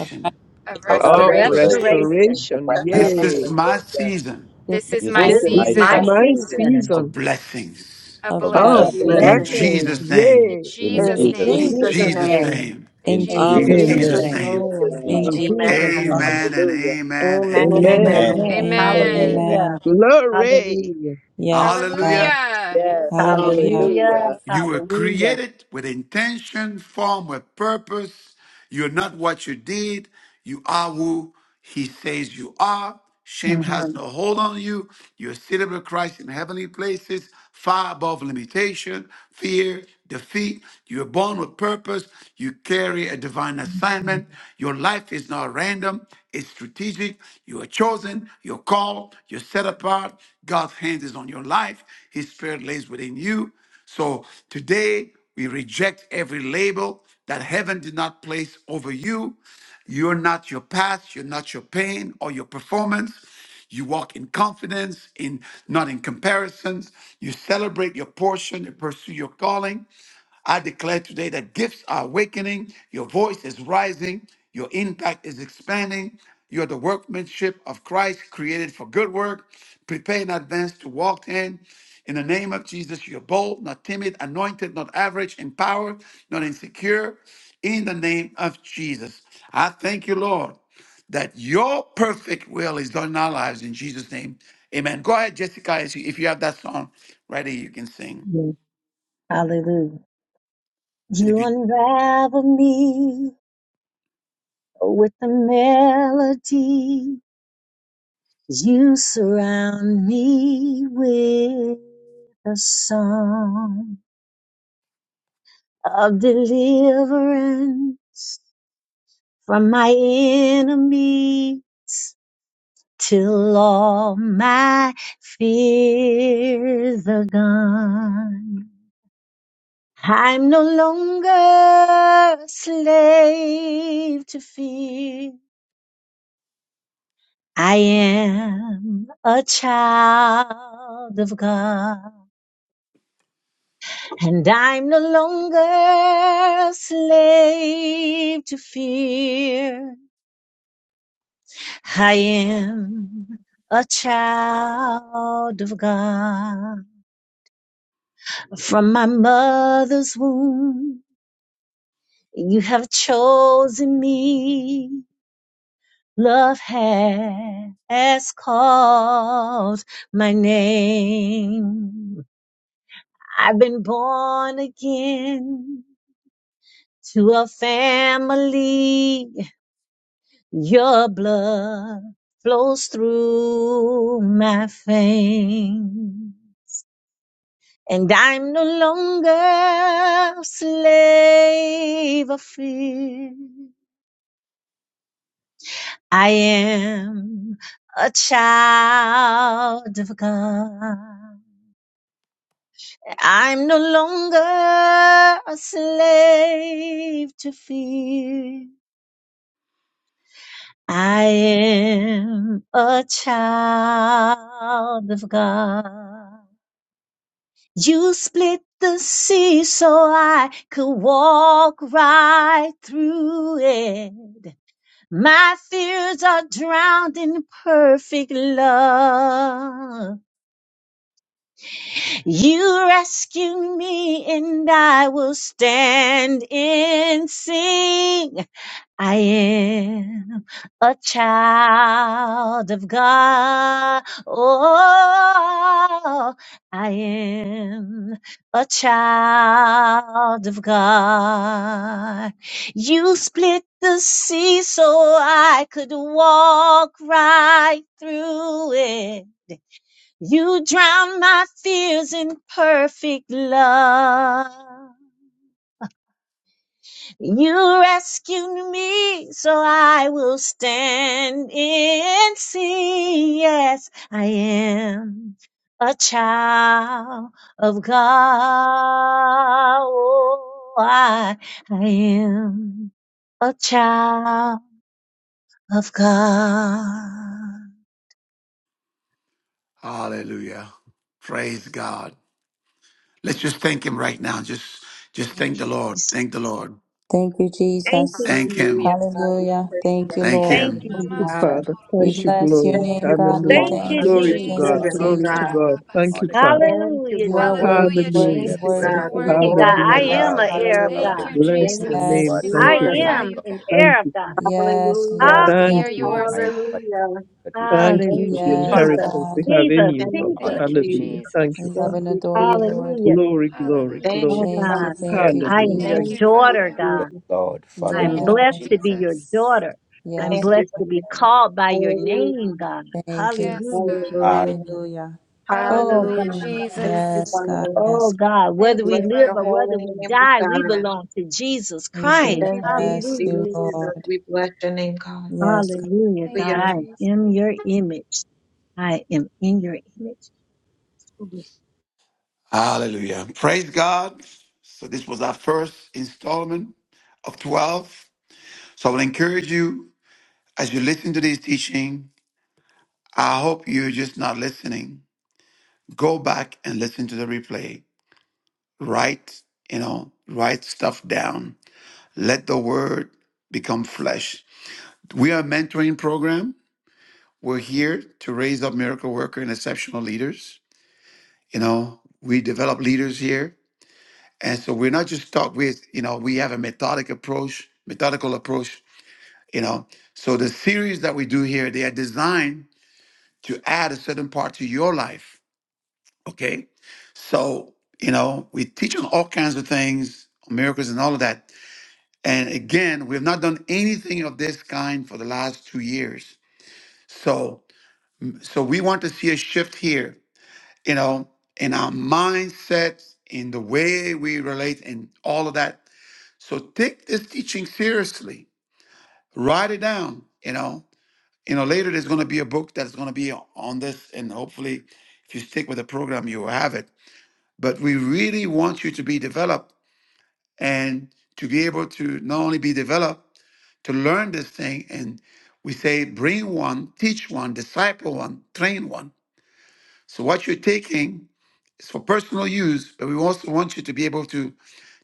B: of righteousness.
M: of
Q: of
E: of
D: of
N: of
F: of
M: restoration.
E: restoration.
N: restoration.
Q: restoration.
D: restoration.
H: the
F: restoration.
H: rest of the
A: This is
F: Yay!
A: my
N: Hallelujah.
A: season
B: This
M: This
B: is
M: is
E: This
M: my
E: is
B: my
D: This
N: This
Q: This
D: is
N: is
Q: is
E: my
F: This is
Q: my
D: my
B: season
N: my
E: season
M: season
F: my
N: season
Q: season
D: season
A: of
F: season
A: blessings.
M: of
B: of
E: of
Q: of
F: of
D: of
N: of
E: blessing.
B: blessing
M: blessings.
A: In
Q: blessing.
N: blessings
F: blessings.
D: blessing
A: Jesus'
M: In
A: name,
F: Yay! In
E: In
B: in
Q: In
M: Jesus'
N: in
B: Jesus'
E: Jesus'
D: in
E: name.
M: name,
A: in
B: name.
Q: Jesus'
N: Jesus'
D: Jesus'
F: Jesus'
A: Jesus'
N: name.
D: name,
F: name.
Q: name.
A: name.
M: in
B: In
E: In
D: in
B: Jesus,
N: Hallelujah.
M: Jesus'
A: In
E: Jesus'
D: Jesus'
E: name.
M: name,
F: Amen.
Q: Jesus'
A: Jesus'
D: name,
N: In
A: name.
N: Jesus'
Q: name.
E: In
B: in
H: community.
E: Jesus'
D: in
N: name.
B: Jesus.
M: in
D: Jesus'
M: Jesus'
Q: Amen.
B: name.
D: name.
A: Amen
M: name.
A: and
N: Hallelujah.
A: amen
Q: Amen
A: and
E: name.
Q: and
F: Amen.
A: amen.
E: Amen.
B: Amen.
Q: amen.
D: Amen.
B: Amen.
N: Amen.
M: Amen.
E: Amen.
B: Amen.
D: Hallelujah.
F: Glory.
D: Hallelujah.
B: Yes,
A: Hallelujah.
B: God.
M: Hallelujah.
N: Yes.
M: Thank you,
B: Hallelujah.
D: Hallelujah.
N: Hallelujah.
M: Jesus.
A: You were
D: Hallelujah.
A: created with intention, formed with purpose. You're not what you did. You are who He says you are. Shame has
D: Mhm.
A: no hold on you. You're seated with Christ in heavenly places, far above limitation, fear, defeat. You're born with purpose. You carry a divine assignment. Your life is not random, it's strategic. You are chosen, you're called, you're set apart. God's hand is on your life, His Spirit lays within you. So today we reject every label that heaven did not place over you. You're not your past, you're not your pain or your performance. You walk in confidence, in not in comparisons. You celebrate your portion, you pursue your calling. I declare today that gifts are awakening, your voice is rising, your impact is expanding. You're the workmanship of Christ, created for good work. Prepare in advance to walk in. In the name of Jesus, you're bold, not timid, anointed, not average, empowered, not insecure. In the name of Jesus, I thank you, Lord, that your perfect will is done in our lives. In Jesus' name, amen. Go ahead, Jessica. If you if you have that song right here, you can sing.
D: Hallelujah.
A: And if
D: You
A: you
D: unravel me with the melody You surround me with a song of deliverance from my enemy till all my fears are gone. I'm no longer a slave to fear. I am a child of God. And I'm no longer a slave to fear. I am a child of God. From my mother's womb, you have chosen me. Love has called my name. I've been born again to a family Your blood flows through my veins, and I'm no longer a slave of fear. I am a child of God. I'm no longer a slave to fear. I am a child of God. You split the sea so I could walk right through it. My fears are drowned in perfect love. You rescue me and I will stand and sing. I am a child of God. Oh, I am a child of God. You split the sea so I could walk right through it. You drown my fears in perfect love. You rescued me, so I will stand and see. Yes, I am a child of God. Oh, I, I am a child of God.
A: Hallelujah. Praise God. Let's just thank him right now. Just just thank
D: Thank
A: the
D: you,
A: Lord.
D: Jesus.
A: Thank the Lord.
B: Thank you,
D: Thank
B: Jesus.
D: you,
A: Thank
D: Jesus.
A: him.
Q: Hallelujah. God, we
B: Hallelujah.
Q: praise
B: Thank
Q: your
B: you,
Q: holy
A: Thank
B: Lord.
D: Thank
A: him.
Q: name,
D: you,
F: Thank
Q: oh
F: you,
D: Jesus.
Q: God.
F: Father.
B: We
F: Thank you,
B: bless your
F: glory.
Q: Thank
B: name,
Q: you for
B: God. We
F: Hallelujah.
Q: calling
D: Thank
E: Our
D: you,
M: Thank
Q: us
M: you,
B: thank you. We
F: Glory
Q: your
F: to
D: Jesus.
B: thank
F: God.
B: you,
Q: children,
E: Father,
M: Jesus.
Q: oh
E: we
F: Glory
B: Jesus.
E: bless
F: to
Q: God.
F: God.
E: you,
F: Thank you,
E: honor
F: Father.
Q: Thank you,
D: Hallelujah,
B: You are
D: Jesus.
Q: Father. We
M: Hallelujah,
B: worthy,
E: you. We
F: Hallelujah.
B: worthy,
Q: thank
E: are
Q: you,
M: Jesus.
E: forever
B: worthy
Q: God.
M: You're
B: to
Q: We
D: Thank
B: be
D: you,
M: worthy,
B: praised,
D: God.
M: God.
B: oh
D: I
E: your
F: Hallelujah.
Q: glorify your
B: God.
D: am an
E: love that
Q: name,
D: heir of
Q: oh
E: you have
B: Hallelujah.
M: Thank
D: God.
M: you,
Q: God.
F: Bless
E: demonstrated
F: your
Q: Thank you,
M: Jesus.
F: name.
E: towards
M: We
E: us.
B: Yes,
F: Thank
D: I
F: you,
E: Thank
Q: Jesus.
M: glorify
F: Lord.
E: you,
D: am
M: you,
E: Lord,
M: God.
D: an
F: Thank
D: heir of
F: you.
D: God.
B: yes,
E: for
Q: Hallelujah.
B: Lord.
E: the
M: We
B: Yes,
F: Thank
M: are
F: you,
D: Hallelujah.
M: yours,
F: Lord.
E: divine
M: God.
E: partake
Q: Hallelujah.
E: that we have.
F: Thank
M: Thank
F: you
M: you,
Q: Thank
F: for the
D: Hallelujah.
Q: you,
M: Jesus.
B: yes,
E: Lord,
D: Jesus.
Q: Father.
F: inheritance we
B: God.
E: we
F: have in
D: Jesus.
Q: Thank
F: you, Lord.
Q: you,
E: honor
D: Jesus.
M: Thank
E: you
M: you,
Q: Jesus.
F: Hallelujah. Thank
B: We
F: you,
M: Jesus.
B: love
Q: Thank
F: Father.
B: and
Q: you,
B: adore you,
Q: Jesus.
B: Lord.
D: Hallelujah.
F: Glory, glory,
M: Hallelujah,
Q: Thank
D: Oh
F: glory.
Q: you,
M: Jesus.
B: Thank you,
D: God.
Q: Father.
B: thank
E: forever.
B: you,
D: I
F: Hallelujah.
D: am your
M: Thank
Q: Thank
B: Jesus.
M: you,
Q: you,
D: daughter,
M: Father.
E: Yes,
D: God.
Q: Jesus.
E: Lord, Father, you
D: I'm
M: Thank
Q: Thank
M: you,
D: blessed
Q: you,
B: Yes,
D: to be
Q: Lord.
D: your
M: Jesus.
D: daughter. I'm
Q: Thank
B: yes,
Q: you,
D: blessed
B: God.
D: to be
Q: Jesus.
D: called by your
Q: Hallelujah.
D: name, God.
B: Thank you.
M: Yes,
D: Hallelujah, Jesus.
M: God.
E: are.
B: Lord.
Q: Hallelujah.
B: Hallelujah.
D: Oh
M: Hallelujah,
Q: Hallelujah.
D: God.
Q: Thank
M: Jesus.
Q: you,
B: Yes, God.
Q: Father.
D: Oh
B: Yes.
D: God.
M: Thank
D: Whether
M: you,
D: we
Q: Bless
D: live
Q: your
D: or
M: Father.
Q: holy
D: whether we
Q: name, oh
D: die, we
Q: God.
D: belong to Jesus
B: We
D: Christ.
M: Thank you,
Q: Thank you,
B: bless
M: Jesus.
D: Hallelujah.
B: you,
Q: Jesus.
B: Lord.
Q: We bless your name, God.
B: Yes, God.
D: Hallelujah,
M: Thank
D: God.
M: you,
Q: Hallelujah.
D: I am in
M: Jesus.
D: your image. I am in your image.
A: Hallelujah. Praise God. So this was our first installment of 12. So I will encourage you as you listen to this teaching. I hope you're just not listening. Go back and listen to the replay. Write, you know, write stuff down. Let the word become flesh. We are a mentoring program. We're here to raise up miracle worker and exceptional leaders. You know, we develop leaders here. And so we're not just stuck with, you know, we have a methodic approach, methodical approach, you know. So the series that we do here, they are designed to add a certain part to your life. Okay. So, you know, we teach on all kinds of things, miracles and all of that. And again, we have not done anything of this kind for the last two years. So so we want to see a shift here you know, in our mindsets, in the way we relate, and all of that. So take this teaching seriously. Write it down. You know, you know. Later, there's going to be a book that's going to be on this, and hopefully, if you stick with the program, you will have it. But we really want you to be developed and to be able to not only be developed to learn this thing, and we say bring one, teach one, disciple one, train one. So what you're taking It's for personal use, but we also want you to be able to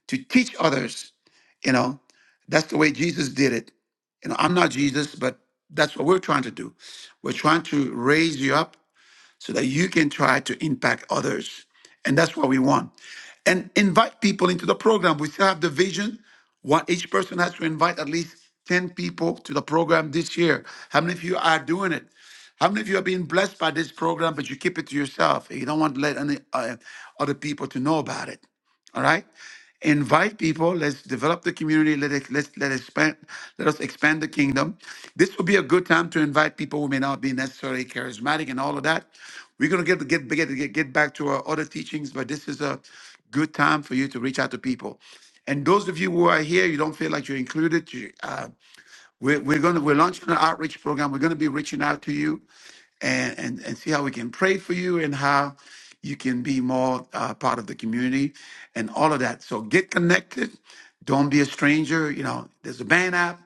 A: to teach others. You know, that's the way Jesus did it. You know, I'm not Jesus, but that's what we're trying to do. We're trying to raise you up so that you can try to impact others. And that's what we want. And invite people into the program. We still have the vision. One each person has to invite at least 10 people to the program this year. How many of you are doing it? How many of you are being blessed by this program, but you keep it to yourself? You don't want to let any uh, other people to know about it. All right. Invite people. Let's develop the community. Let us let's let expand. Let us expand the kingdom. This will be a good time to invite people who may not be necessarily charismatic and all of that. We're gonna get get get get, get back to our other teachings, but this is a good time for you to reach out to people. And those of you who are here, you don't feel like you're included. You, uh, we're, we're going to we're launching an outreach program. We're going to be reaching out to you and, and and see how we can pray for you and how you can be more uh, part of the community and all of that. So get connected. Don't be a stranger. You know, there's a band app.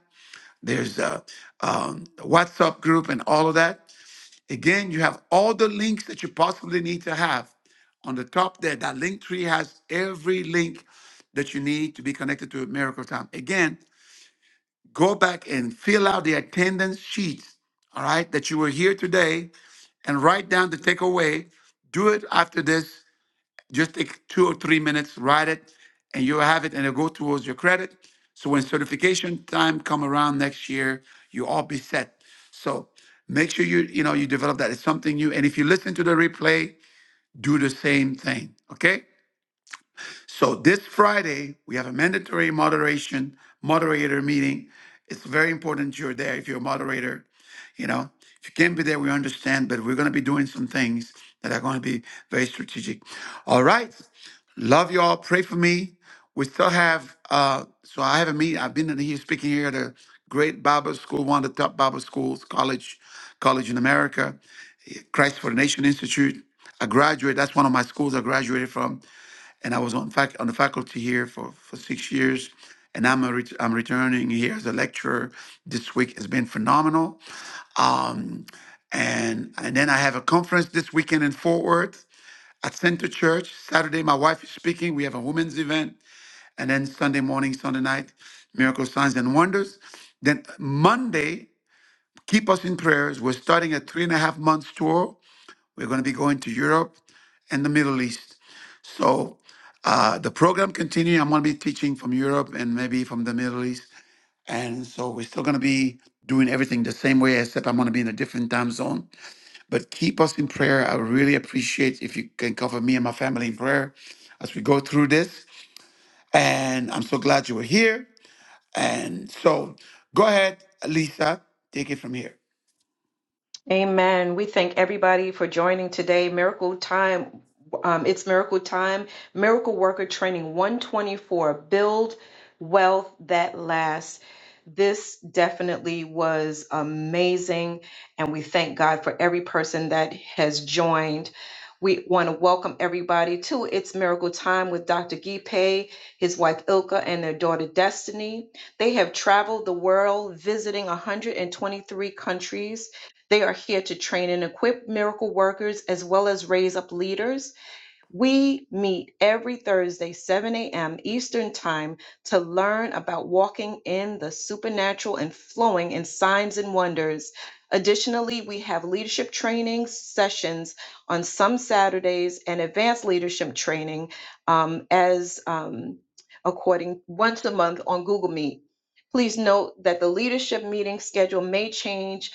A: There's a um, a WhatsApp group and all of that. Again, you have all the links that you possibly need to have on the top there. That link tree has every link that you need to be connected to Miracle Time. Again, go back and fill out the attendance sheets, all right, that you were here today and write down the takeaway. Do it after this. Just take two or three minutes, write it, and you'll have it and it'll go towards your credit. So when certification time come around next year, you all be set. So make sure you, you know, you develop that. It's something new. And if you listen to the replay, do the same thing. Okay? So this Friday, we have a mandatory moderation moderator meeting. It's very important you're there if you're a moderator. You know, if you can't be there, we understand, but we're going to be doing some things that are going to be very strategic. All right. Love you all. Pray for me. We still have, uh, so I have a meeting. I've been in here speaking here at a great Bible school, one of the top Bible schools, college, college in America, Christ for the Nation Institute. I graduated. That's one of my schools I graduated from and I was on fac on the faculty here for, for six years, and I'm a ret- I'm returning here as a lecturer. This week it has been phenomenal. Um, and and then I have a conference this weekend in Fort Worth at Center Church. Saturday, my wife is speaking. We have a women's event, and then Sunday morning, Sunday night, miracle signs and wonders. Then Monday, keep us in prayers. We're starting a three and a half months tour. We're going to be going to Europe and the Middle East. So Uh, the program continue. I'm going to be teaching from Europe and maybe from the Middle East. And so we're still going to be doing everything the same way, except I'm going to be in a different time zone. But keep us in prayer. I would really appreciate if you can cover me and my family in prayer as we go through this. And I'm so glad you were here. And so go ahead, Lisa, take it from here.
Q: Amen. We thank everybody for joining today. Miracle Time, um, it's Miracle Time, Miracle Worker Training 124 Build Wealth That Lasts. This definitely was amazing, and we thank God for every person that has joined. We want to welcome everybody to It's Miracle Time with Dr. Gipe, his wife Ilka, and their daughter Destiny. They have traveled the world visiting 123 countries. They are here to train and equip miracle workers as well as raise up leaders. We meet every Thursday, 7 a.m. Eastern Time, to learn about walking in the supernatural and flowing in signs and wonders. Additionally, we have leadership training sessions on some Saturdays and advanced leadership training um, as um, according once a month on Google Meet. Please note that the leadership meeting schedule may change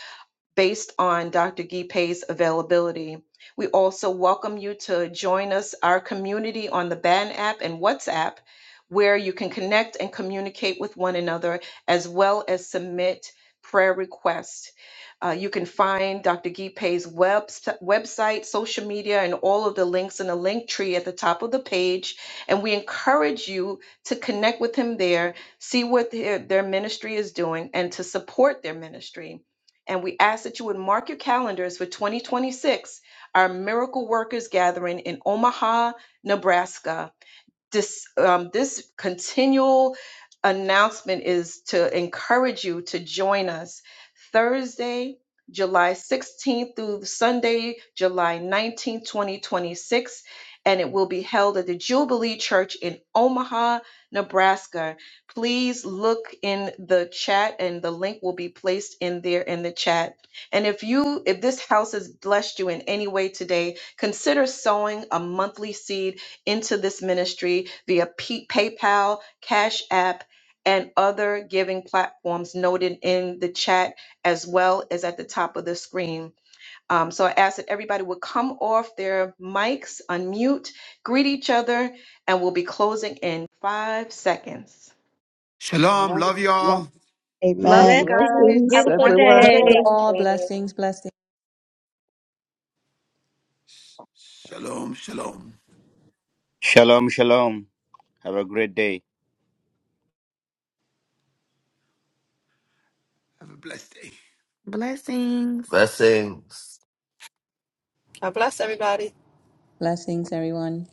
Q: based on Dr. Gipe's availability. We also welcome you to join us, our community on the BAN app and WhatsApp, where you can connect and communicate with one another as well as submit prayer requests. Uh, you can find Dr. Gipe's web, website, social media, and all of the links in the link tree at the top of the page. And we encourage you to connect with him there, see what their their ministry is doing, and to support their ministry. And we ask that you would mark your calendars for 2026, our Miracle Workers Gathering in Omaha, Nebraska this um, this continual announcement is to encourage you to join us Thursday, July 16th through Sunday, July 19th, 2026. And it will be held at the Jubilee Church in Omaha, Nebraska. Please look in the chat, and the link will be placed in there in the chat. And if you, if this house has blessed you in any way today, consider sowing a monthly seed into this ministry via P- PayPal, Cash App, and other giving platforms noted in the chat as well as at the top of the screen. Um, so I ask that everybody would come off their mics, unmute, greet each other, and we'll be closing in five seconds.
A: Shalom.
H: One,
A: Love you
H: one.
A: all.
Q: Love you
H: Amen.
D: Blessings,
Q: guys.
F: Blessings,
Q: Have a
D: beautiful
F: everyone.
Q: wonderful
B: Love you
D: day.
Q: day.
B: all. Blessings, blessings,
A: Shalom. Shalom.
E: Shalom, shalom. Have a great day.
A: Have a blessed day.
I: Blessings. Blessings.
K: God bless everybody.
B: blessings, everyone.